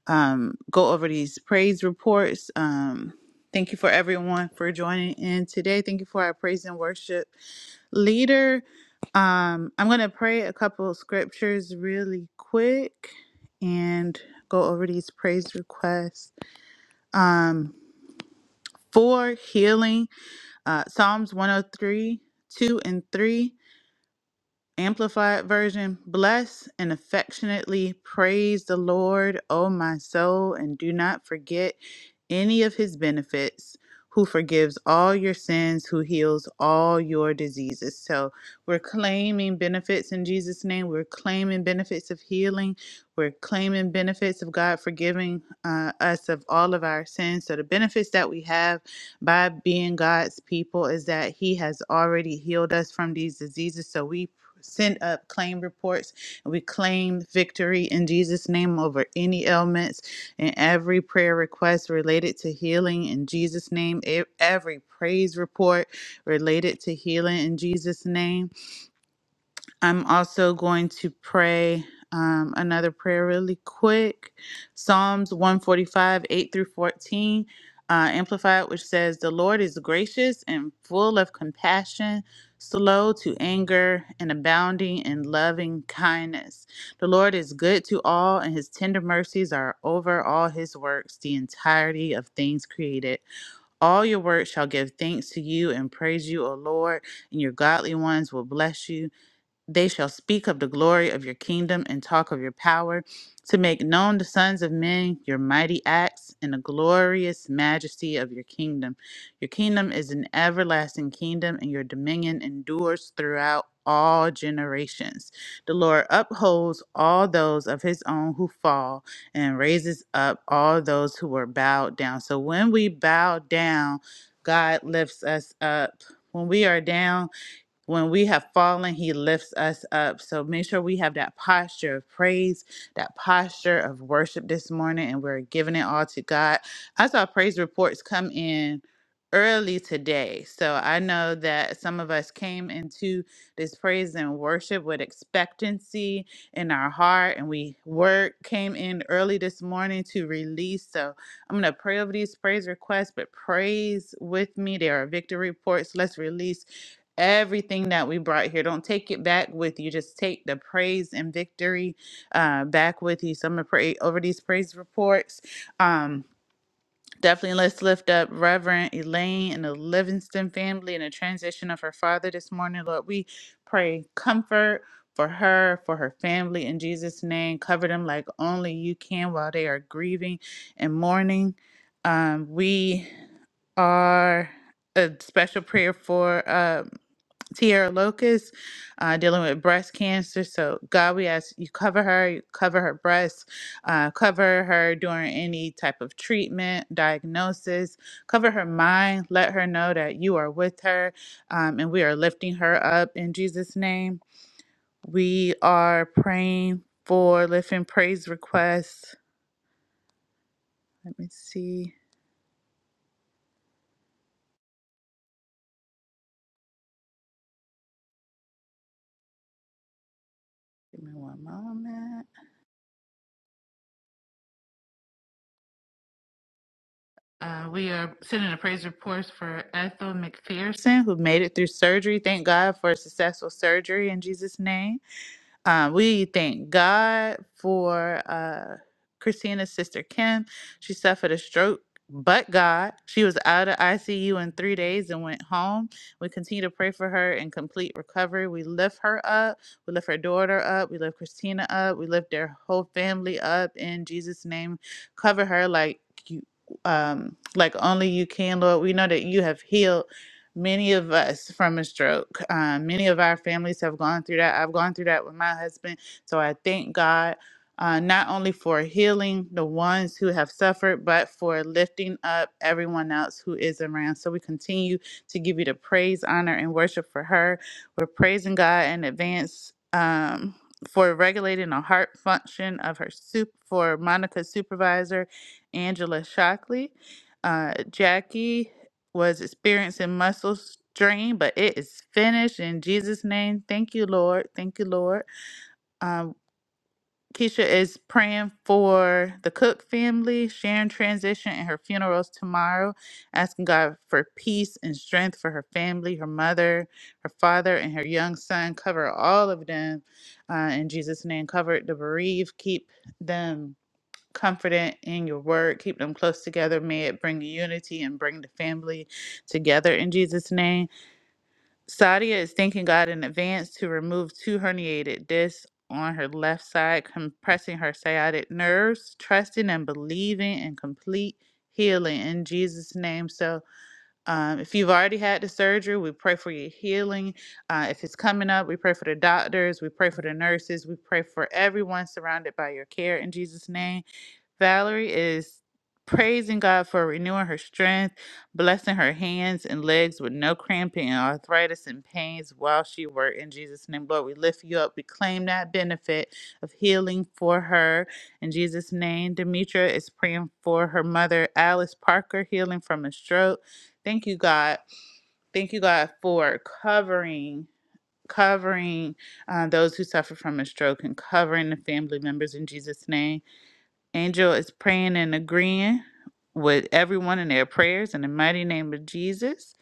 D: um, go over these praise reports. Um, thank you for everyone for joining in today. Thank you for our praise and worship leader. Um, I'm going to pray a couple of scriptures really quick and go over these praise requests. Um, for healing, uh, Psalms 103, 2 and 3. Amplified version Bless and affectionately praise the Lord, O my soul, and do not forget any of his benefits, who forgives all your sins, who heals all your diseases. So we're claiming benefits in Jesus' name. We're claiming benefits of healing. We're claiming benefits of God forgiving uh, us of all of our sins. So the benefits that we have by being God's people is that he has already healed us from these diseases. So we send up claim reports and we claim victory in Jesus' name over any ailments and every prayer request related to healing in Jesus' name, e- every praise report related to healing in Jesus' name. I'm also going to pray um, another prayer really quick Psalms 145, 8 through 14, uh, Amplified, which says, The Lord is gracious and full of compassion, slow to anger, and abounding in loving kindness. The Lord is good to all, and his tender mercies are over all his works, the entirety of things created. All your works shall give thanks to you and praise you, O Lord, and your godly ones will bless you. They shall speak of the glory of your kingdom and talk of your power to make known the sons of men your mighty acts and the glorious majesty of your kingdom. Your kingdom is an everlasting kingdom, and your dominion endures throughout all generations. The Lord upholds all those of his own who fall and raises up all those who were bowed down. So when we bow down, God lifts us up. When we are down, when we have fallen, he lifts us up. So make sure we have that posture of praise, that posture of worship this morning, and we're giving it all to God. I saw praise reports come in early today. So I know that some of us came into this praise and worship with expectancy in our heart, and we word came in early this morning to release. So I'm going to pray over these praise requests, but praise with me. There are victory reports. Let's release everything that we brought here. Don't take it back with you. Just take the praise and victory uh, back with you. So I'm gonna pray over these praise reports. Um, definitely let's lift up Reverend Elaine and the Livingston family and the transition of her father this morning. Lord, we pray comfort. For her, for her family, in Jesus' name, cover them like only you can while they are grieving and mourning. Um, we are a special prayer for. uh, Tierra Locust, uh, dealing with breast cancer. So, God, we ask you cover her, you cover her breasts, uh, cover her during any type of treatment, diagnosis, cover her mind. Let her know that you are with her um, and we are lifting her up in Jesus' name. We are praying for lifting praise requests. Let me see. Give me one moment. Uh, we are sending a praise report for Ethel McPherson, who made it through surgery. Thank God for a successful surgery in Jesus' name. Um, we thank God for uh, Christina's sister Kim. She suffered a stroke, but God. She was out of ICU in three days and went home. We continue to pray for her in complete recovery. We lift her up. We lift her daughter up. We lift Christina up. We lift their whole family up in Jesus' name. Cover her like you. Um, like only you can, Lord. We know that you have healed many of us from a stroke. Um, many of our families have gone through that. I've gone through that with my husband. So I thank God uh, not only for healing the ones who have suffered, but for lifting up everyone else who is around. So we continue to give you the praise, honor, and worship for her. We're praising God in advance. Um, for regulating the heart function of her soup for Monica's supervisor, Angela Shockley, uh, Jackie was experiencing muscle strain, but it is finished in Jesus' name. Thank you, Lord. Thank you, Lord. Um, Keisha is praying for the Cook family, Sharon transition, and her funerals tomorrow, asking God for peace and strength for her family, her mother, her father, and her young son. Cover all of them uh, in Jesus' name. Cover the bereaved. Keep them confident in your word. Keep them close together. May it bring unity and bring the family together in Jesus' name. Sadia is thanking God in advance to remove two herniated discs on her left side, compressing her sciatic nerves, trusting and believing in complete healing in Jesus' name. So, um, if you've already had the surgery, we pray for your healing. Uh, if it's coming up, we pray for the doctors, we pray for the nurses, we pray for everyone surrounded by your care in Jesus' name. Valerie is praising God for renewing her strength, blessing her hands and legs with no cramping and arthritis and pains while she worked. In Jesus' name, Lord, we lift you up. We claim that benefit of healing for her. In Jesus' name, Demetra is praying for her mother, Alice Parker, healing from a stroke. Thank you, God. Thank you, God, for covering. Covering uh, those who suffer from a stroke and covering the family members in Jesus' name. Angel is praying and agreeing with everyone in their prayers in the mighty name of Jesus.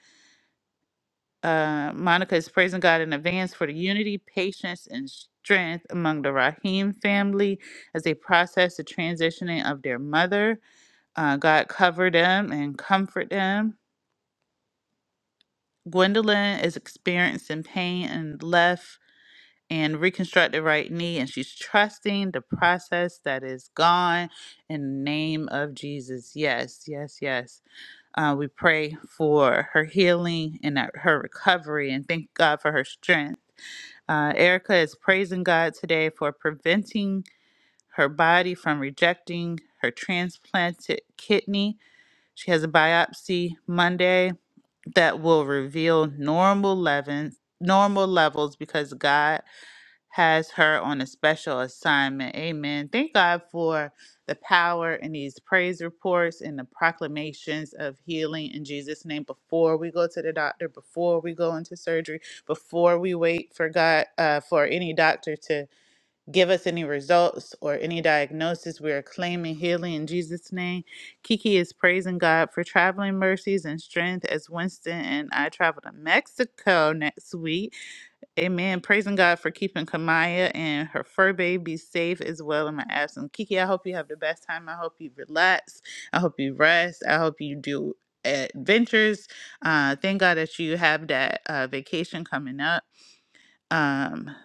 D: Uh, Monica is praising God in advance for the unity, patience, and strength among the Rahim family as they process the transitioning of their mother. Uh, God cover them and comfort them. Gwendolyn is experiencing pain and left and reconstructed right knee, and she's trusting the process that is gone in the name of Jesus. Yes, yes, yes. Uh, we pray for her healing and that- her recovery and thank God for her strength. Uh, Erica is praising God today for preventing her body from rejecting her transplanted kidney. She has a biopsy Monday that will reveal normal levels, normal levels because God has her on a special assignment. Amen. Thank God for the power in these praise reports and the proclamations of healing in Jesus' name before we go to the doctor, before we go into surgery, before we wait for God, uh, for any doctor to give us any results or any diagnosis. We are claiming healing in Jesus' name. Kiki is praising God for traveling mercies and strength as Winston and I travel to Mexico next week. Amen. Praising God for keeping Kamaya and her fur baby safe as well in my absence. Kiki, I hope you have the best time. I hope you relax. I hope you rest. I hope you do adventures. Uh, thank God that you have that uh, vacation coming up. Um,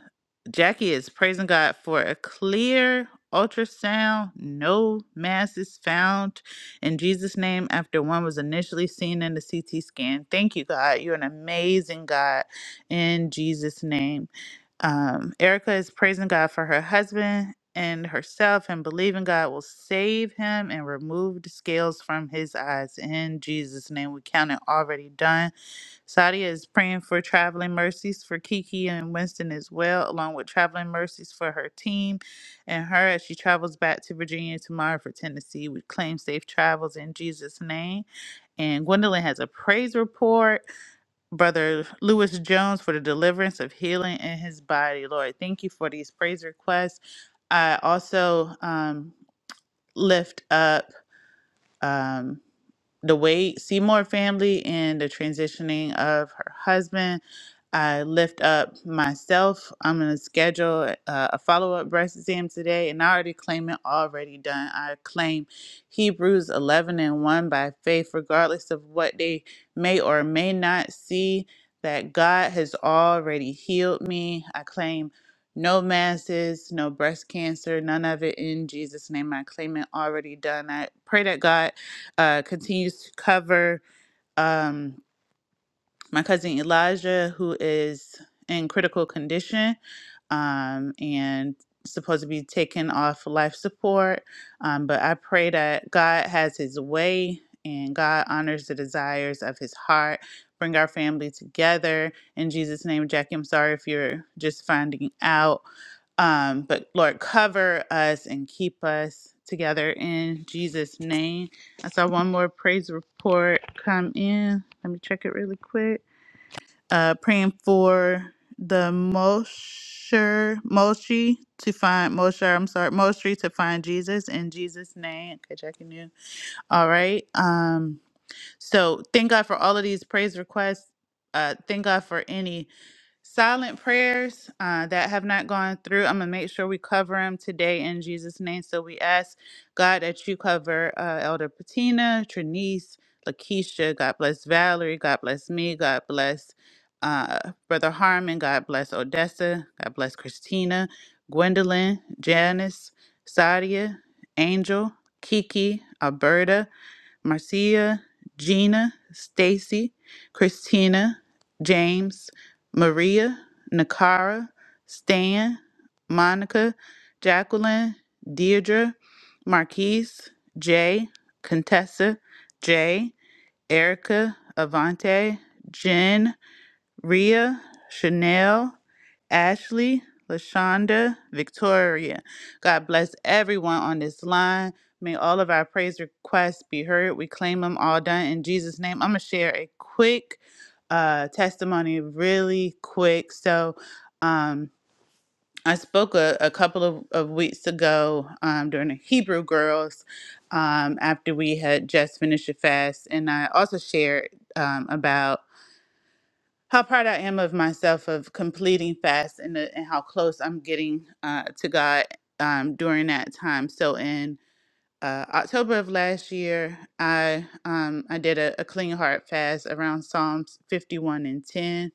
D: Jackie is praising God for a clear ultrasound, no mass is found in Jesus' name after one was initially seen in the CT scan. Thank you, God. You're an amazing God in Jesus' name. Um, Erica is praising God for her husband and herself and believing God will save him and remove the scales from his eyes in Jesus' name. We count it already done Sadia is praying for traveling mercies for Kiki and Winston as well, along with traveling mercies for her team and her as she travels back to Virginia tomorrow for Tennessee. We claim safe travels in Jesus' name. And Gwendolyn has a praise report. Brother Lewis Jones for the deliverance of healing in his body. Lord, thank you for these praise requests. I also um, lift up. um the Wade Seymour family and the transitioning of her husband. I lift up myself. I'm going to schedule uh, a follow up breast exam today, and I already claim it already done. I claim Hebrews 11 and 1 by faith, regardless of what they may or may not see, that God has already healed me. I claim no masses, no breast cancer, none of it in Jesus' name. I claim it already done. I pray that God uh, continues to cover um, my cousin Elijah, who is in critical condition um, and supposed to be taken off life support. Um, but I pray that God has his way and God honors the desires of his heart. Bring our family together. In Jesus' name, Jackie, I'm sorry if you're just finding out. Um, but Lord, cover us and keep us together in Jesus' name. I saw one more praise report come in. Let me check it really quick. Uh, praying for the Mosher Moshi to find Mosher. I'm sorry, Moshi to find Jesus in Jesus' name. Okay, checking you. All right. Um. So thank God for all of these praise requests. Uh, thank God for any Silent prayers uh, that have not gone through, I'm going to make sure we cover them today in Jesus' name. So we ask, God, that you cover uh, Elder Patina, Trinice, Lakeisha. God bless Valerie. God bless me. God bless uh, Brother Harmon. God bless Odessa. God bless Christina, Gwendolyn, Janice, Sadia, Angel, Kiki, Alberta. Marcia, Gina, Stacy, Christina, James, Maria, Nakara, Stan, Monica, Jacqueline, Deirdre, Marquise, Jay, Contessa, Jay, Erica, Avante, Jen, Rhea, Chanel, Ashley, Lashonda, Victoria. God bless everyone on this line. May all of our praise requests be heard. We claim them all done in Jesus' name. I'm going to share a quick uh, testimony, really quick. So, um, I spoke a, a couple of, of weeks ago um, during the Hebrew Girls um, after we had just finished a fast. And I also shared um, about how proud I am of myself of completing fast and, the, and how close I'm getting uh, to God um, during that time. So in uh, October of last year, I um, I did a, a clean heart fast around Psalms 51 and 10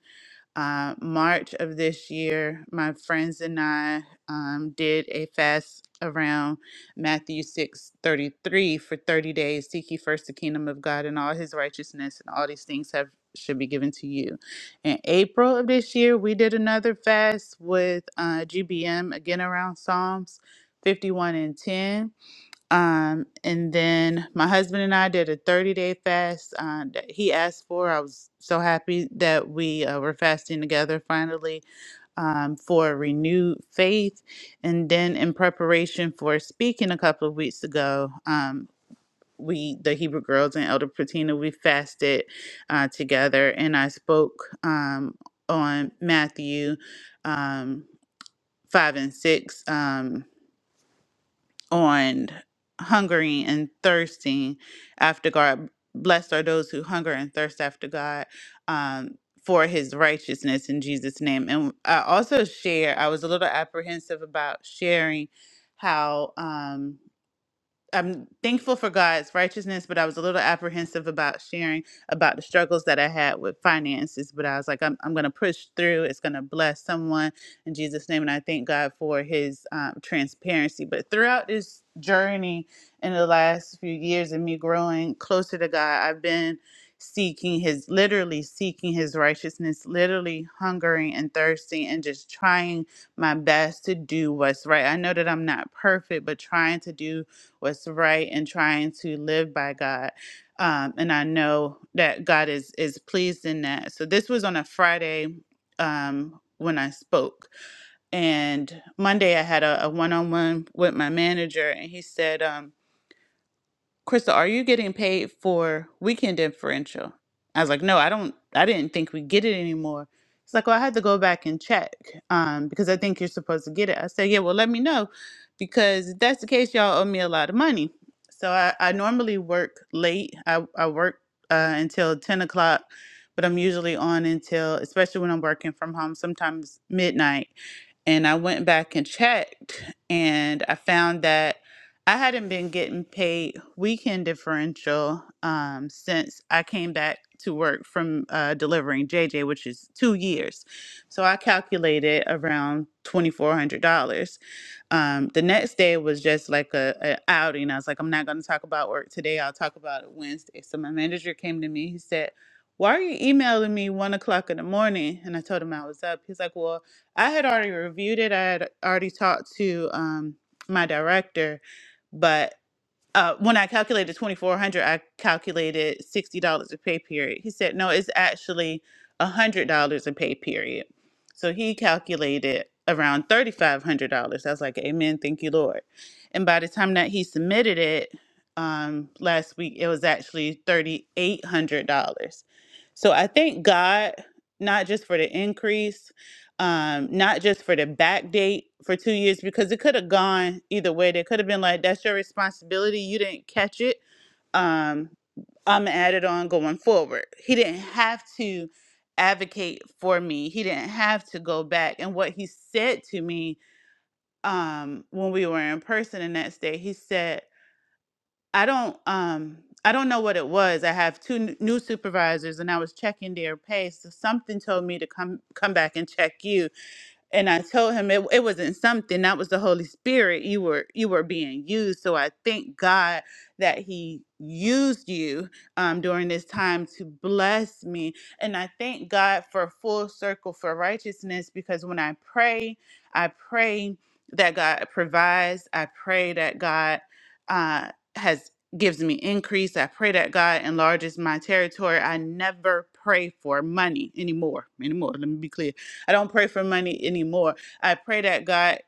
D: uh, March of this year, my friends and I um, did a fast around Matthew six thirty three for 30 days. Seek ye first the kingdom of God and all his righteousness, and all these things have should be given to you. In April of this year, we did another fast with uh, GBM again around Psalms 51 and 10 um, and then my husband and I did a 30 day fast uh, that he asked for. I was so happy that we uh, were fasting together finally um, for renewed faith. And then in preparation for speaking a couple of weeks ago, um, we, the Hebrew girls and Elder Patina, we fasted uh, together and I spoke um, on Matthew um, 5 and 6. Um, on hungering and thirsting after God. Blessed are those who hunger and thirst after God um, for his righteousness in Jesus' name. And I also share, I was a little apprehensive about sharing how. Um, I'm thankful for God's righteousness, but I was a little apprehensive about sharing about the struggles that I had with finances. But I was like, I'm, I'm going to push through. It's going to bless someone in Jesus' name. And I thank God for his um, transparency. But throughout this journey in the last few years and me growing closer to God, I've been seeking his, literally seeking his righteousness, literally hungering and thirsting and just trying my best to do what's right. I know that I'm not perfect, but trying to do what's right and trying to live by God. Um, and I know that God is is pleased in that. So this was on a Friday um, when I spoke, and Monday I had a one on one with my manager, and he said. Um, Crystal, are you getting paid for weekend differential? I was like, no, I don't, I didn't think we get it anymore. It's like, well, I had to go back and check um, because I think you're supposed to get it. I said, yeah, well, let me know because if that's the case, y'all owe me a lot of money. So I, I normally work late. I, I work uh, until 10 o'clock, but I'm usually on until, especially when I'm working from home, sometimes midnight. And I went back and checked, and I found that I hadn't been getting paid weekend differential um, since I came back to work from uh, delivering JJ, which is two years. So I calculated around $2,400. Um, the next day was just like a, a outing. I was like, I'm not going to talk about work today. I'll talk about it Wednesday. So my manager came to me. He said, why are you emailing me one o'clock in the morning? And I told him I was up. He's like, well, I had already reviewed it. I had already talked to um, my director, but uh, when I calculated twenty four hundred, I calculated sixty dollars a pay period. He said, "No, it's actually hundred dollars a pay period." So he calculated around thirty five hundred dollars. I was like, "Amen, thank you, Lord." And by the time that he submitted it um, last week, it was actually thirty eight hundred dollars. So I thank God not just for the increase um not just for the back date for two years because it could have gone either way they could have been like that's your responsibility you didn't catch it um i'm added on going forward he didn't have to advocate for me he didn't have to go back and what he said to me um when we were in person the next day he said i don't um i don't know what it was i have two n- new supervisors and i was checking their pay so something told me to come come back and check you and I told him it, it wasn't something that was the Holy Spirit. You were you were being used. So I thank God that He used you um, during this time to bless me, and I thank God for full circle for righteousness because when I pray, I pray that God provides. I pray that God uh, has gives me increase. I pray that God enlarges my territory. I never pray for money anymore. Anymore. Let me be clear. I don't pray for money anymore. I pray that God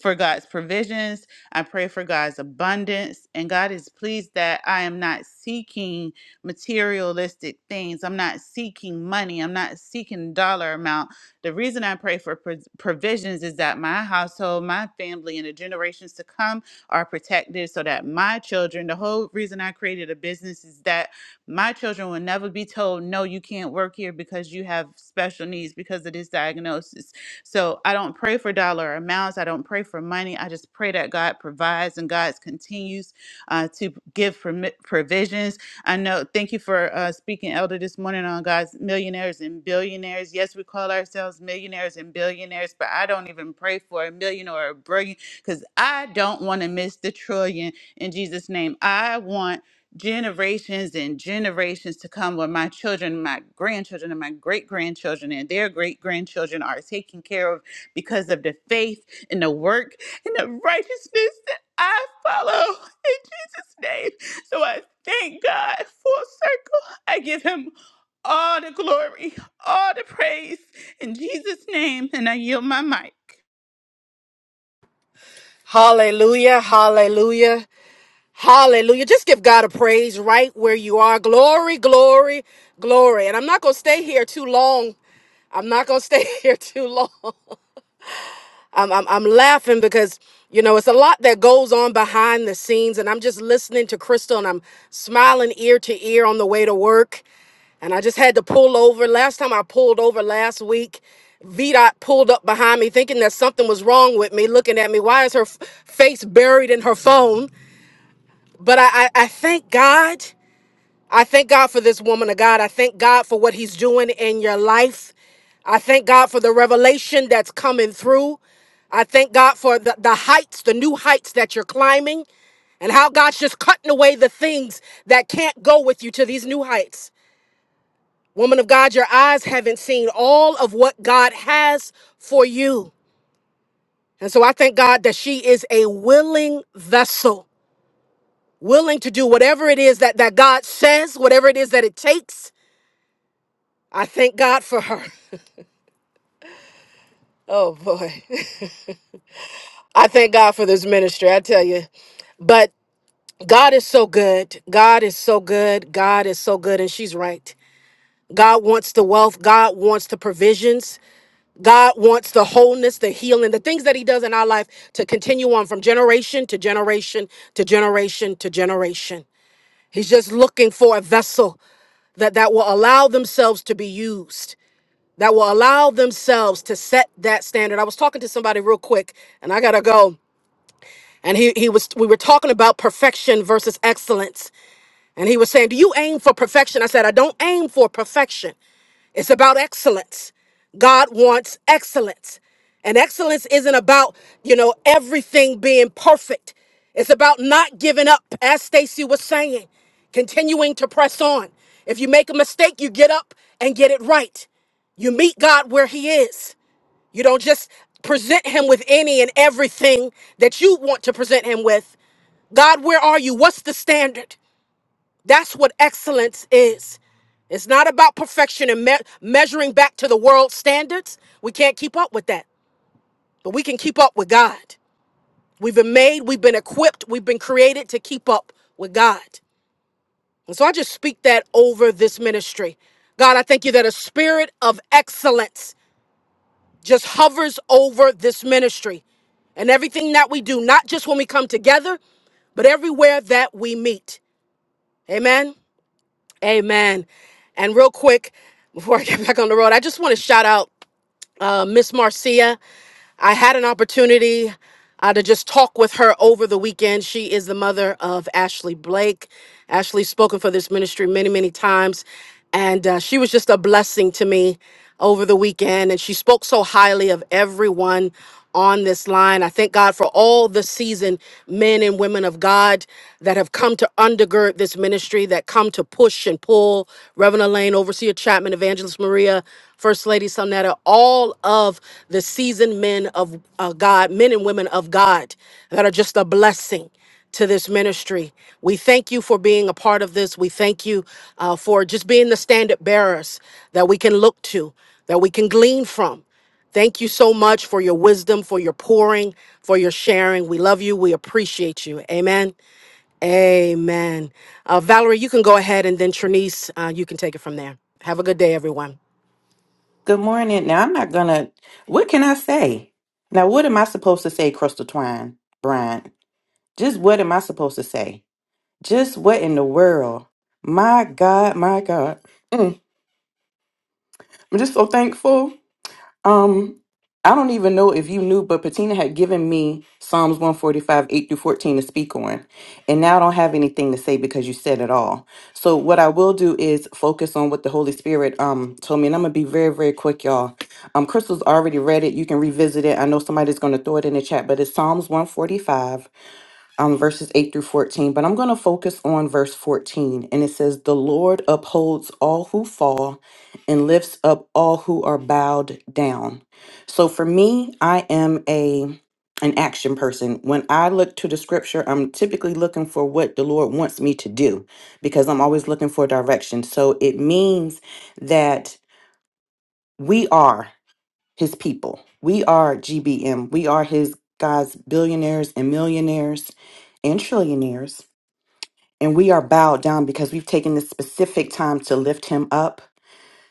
D: for God's provisions. I pray for God's abundance. And God is pleased that I am not seeking materialistic things. I'm not seeking money. I'm not seeking dollar amount. The reason I pray for pro- provisions is that my household, my family, and the generations to come are protected so that my children, the whole reason I created a business is that my children will never be told, no, you can't work here because you have special needs because of this diagnosis. So I don't pray for dollar amounts. I don't pray for money. I just pray that God provides and God continues uh, to give permi- provisions. I know, thank you for uh, speaking, Elder, this morning on God's millionaires and billionaires. Yes, we call ourselves millionaires and billionaires, but I don't even pray for a million or a billion because I don't want to miss the trillion in Jesus' name. I want generations and generations to come where my children, my grandchildren, and my great grandchildren and their great grandchildren are taken care of because of the faith and the work and the righteousness that I follow in Jesus' name. So I thank God full circle. I give him all the glory, all the praise in Jesus' name, and I yield my mic.
A: Hallelujah, hallelujah, hallelujah. Just give God a praise right where you are. Glory, glory, glory. And I'm not going to stay here too long. I'm not going to stay here too long. I'm, I'm, I'm laughing because, you know, it's a lot that goes on behind the scenes. And I'm just listening to Crystal and I'm smiling ear to ear on the way to work. And I just had to pull over. Last time I pulled over last week, VDOT pulled up behind me thinking that something was wrong with me, looking at me. Why is her f- face buried in her phone? But I, I, I thank God. I thank God for this woman of God. I thank God for what he's doing in your life. I thank God for the revelation that's coming through. I thank God for the, the heights, the new heights that you're climbing, and how God's just cutting away the things that can't go with you to these new heights. Woman of God, your eyes haven't seen all of what God has for you. And so I thank God that she is a willing vessel, willing to do whatever it is that, that God says, whatever it is that it takes I thank God for her. Oh boy. I thank God for this ministry, I tell you. But God is so good. God is so good. God is so good. And she's right. God wants the wealth. God wants the provisions. God wants the wholeness, the healing, the things that He does in our life to continue on from generation to generation to generation to generation. He's just looking for a vessel that, that will allow themselves to be used. that will allow themselves to set that standard. I was talking to somebody real quick and I gotta go. And he, he was we were talking about perfection versus excellence. And he was saying, Do you aim for perfection? I said, I don't aim for perfection. It's about excellence. God wants excellence. And excellence isn't about, you know, everything being perfect. It's about not giving up, as Stacy was saying, continuing to press on. If you make a mistake, you get up and get it right. You meet God where He is. You don't just present Him with any and everything that you want to present Him with. God, where are you? What's the standard? That's what excellence is. It's not about perfection and me- measuring back to the world's standards. We can't keep up with that, but we can keep up with God. We've been made, we've been equipped, we've been created to keep up with God. And so I just speak that over this ministry. God, I thank you that a spirit of excellence just hovers over this ministry and everything that we do, not just when we come together, but everywhere that we meet. Amen. Amen. And real quick, before I get back on the road, I just want to shout out uh, Miss Marcia. I had an opportunity uh, to just talk with her over the weekend. She is the mother of Ashley Blake. Ashley's spoken for this ministry many, many times. And uh, she was just a blessing to me over the weekend. And she spoke so highly of everyone on this line. I thank God for all the seasoned men and women of God that have come to undergird this ministry, that come to push and pull. Reverend Elaine, Overseer Chapman, Evangelist Maria, First Lady Sonetta, all of the seasoned men of uh, God, men and women of God that are just a blessing to this ministry. We thank you for being a part of this. We thank you uh, for just being the standard bearers that we can look to, that we can glean from. Thank you so much for your wisdom, for your pouring, for your sharing. We love you. We appreciate you. Amen. Amen. Uh, Valerie, you can go ahead, and then Trinice, uh, you can take it from there. Have a good day, everyone.
E: Good morning. Now, I'm not gonna, what can I say? Now, what am I supposed to say, Crystal Twine, Brian? Just what am I supposed to say? Just what in the world? My God, my God. Mm, I'm just so thankful. Um, I don't even know if you knew, but Patina had given me Psalms 145, 8 through 14 to speak on. And now I don't have anything to say because you said it all. So what I will do is focus on what the Holy Spirit um told me. And I'm gonna be very, very quick, y'all. Um, Crystal's already read it. You can revisit it. I know somebody's gonna throw it in the chat, but it's Psalms 145 um, verses 8 through 14, but I'm going to focus on verse 14. And it says, The Lord upholds all who fall and lifts up all who are bowed down. So for me, I am a an action person. When I look to the scripture, I'm typically looking for what the Lord wants me to do because I'm always looking for direction. So it means that we are his people. We are GBM. We are his God's billionaires and millionaires and trillionaires. And we are bowed down because we've taken this specific time to lift him up.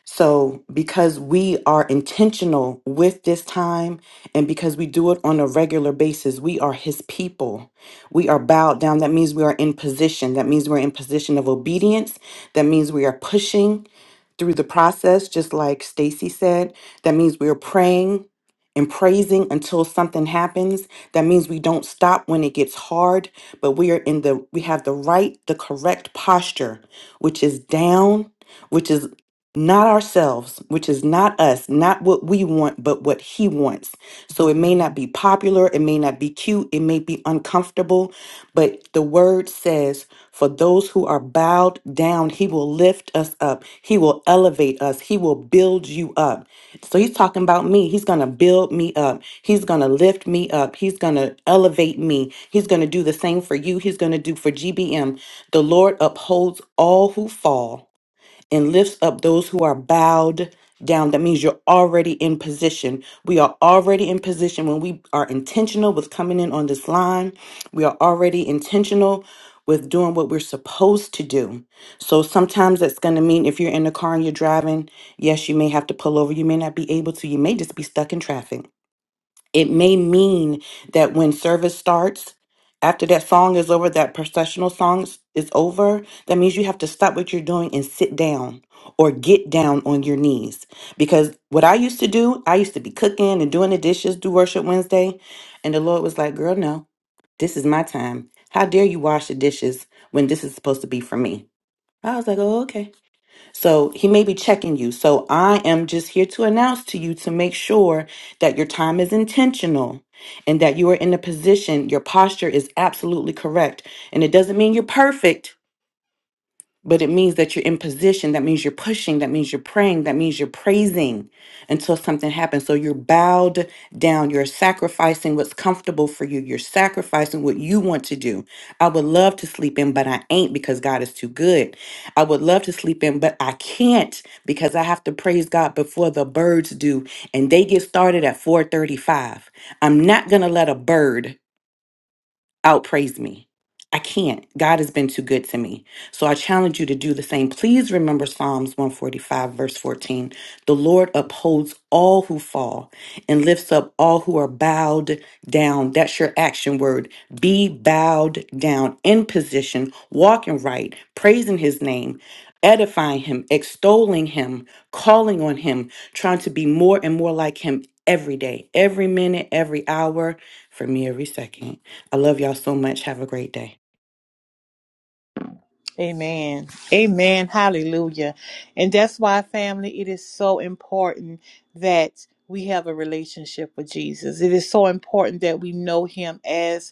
E: So, because we are intentional with this time and because we do it on a regular basis, we are his people. We are bowed down. That means we are in position. That means we're in position of obedience. That means we are pushing through the process, just like Stacy said, that means we're praying and praising until something happens. That means we don't stop when it gets hard, but we are in the we have the right, the correct posture, which is down, which is not ourselves, which is not us, not what we want, but what he wants. So it may not be popular, it may not be cute, it may be uncomfortable, but the word says, for those who are bowed down, he will lift us up. He will elevate us. He will build you up. So he's talking about me. He's going to build me up. He's going to lift me up. He's going to elevate me. He's going to do the same for you. He's going to do for GBM. The Lord upholds all who fall and lifts up those who are bowed down. That means you're already in position. We are already in position when we are intentional with coming in on this line. We are already intentional with doing what we're supposed to do. So sometimes that's going to mean if you're in the car and you're driving, yes, you may have to pull over. You may not be able to. You may just be stuck in traffic. It may mean that when service starts, after that song is over, that processional song s- is over, that means you have to stop what you're doing and sit down or get down on your knees. Because what I used to do, I used to be cooking and doing the dishes, do worship Wednesday. And the Lord was like, girl, no, this is my time. How dare you wash the dishes when this is supposed to be for me? I was like, oh, okay. So he may be checking you. So I am just here to announce to you to make sure that your time is intentional and that you are in a position, your posture is absolutely correct. And it doesn't mean you're perfect, but it means that you're in position. That means you're pushing. That means you're praying. That means you're praising until something happens. So you're bowed down. You're sacrificing what's comfortable for you. You're sacrificing what you want to do. I would love to sleep in, but I ain't because God is too good. I would love to sleep in, but I can't because I have to praise God before the birds do, and they get started at 4:35. I'm not gonna let a bird outpraise me. I can't. God has been too good to me. So I challenge you to do the same. Please remember Psalms 145, verse 14. The Lord upholds all who fall and lifts up all who are bowed down. That's your action word. Be bowed down in position, walking right, praising his name, edifying him, extolling him, calling on him, trying to be more and more like him every day, every minute, every hour, for me, every second. I love y'all so much. Have a great day.
C: Amen. Amen. Hallelujah. And that's why, family, it is so important that we have a relationship with Jesus. It is so important that we know Him as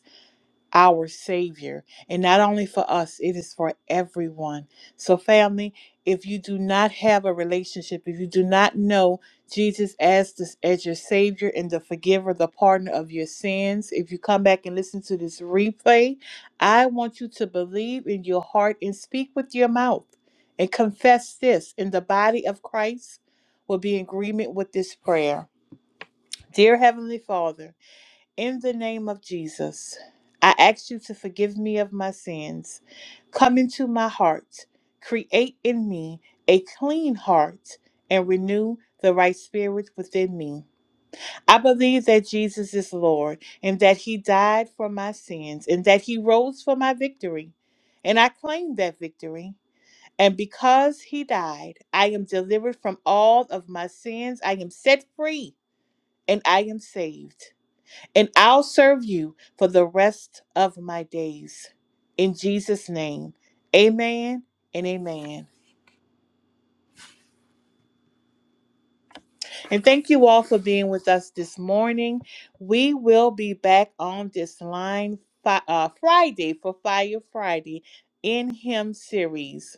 C: our Savior. And not only for us, it is for everyone. So, family, if you do not have a relationship, if you do not know Jesus as, this, as your Savior and the forgiver, the pardoner of your sins, if you come back and listen to this replay, I want you to believe in your heart and speak with your mouth and confess this And the body of Christ will be in agreement with this prayer. Dear Heavenly Father, in the name of Jesus, I ask you to forgive me of my sins. Come into my heart, create in me a clean heart, and renew the right spirit within me. I believe that Jesus is Lord, and that He died for my sins, and that He rose for my victory. And I claim that victory. And because He died, I am delivered from all of my sins. I am set free, and I am saved and I'll serve you for the rest of my days. In Jesus' name, amen and amen. And thank you all for being with us this morning. We will be back on this line fi- uh, Friday for Fire Friday in Him series.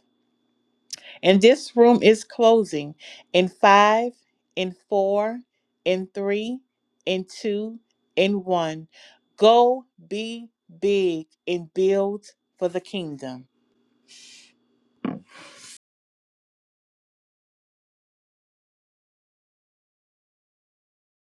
C: And this room is closing in five, in four, in three, in two, in one. Go be big and build for the kingdom.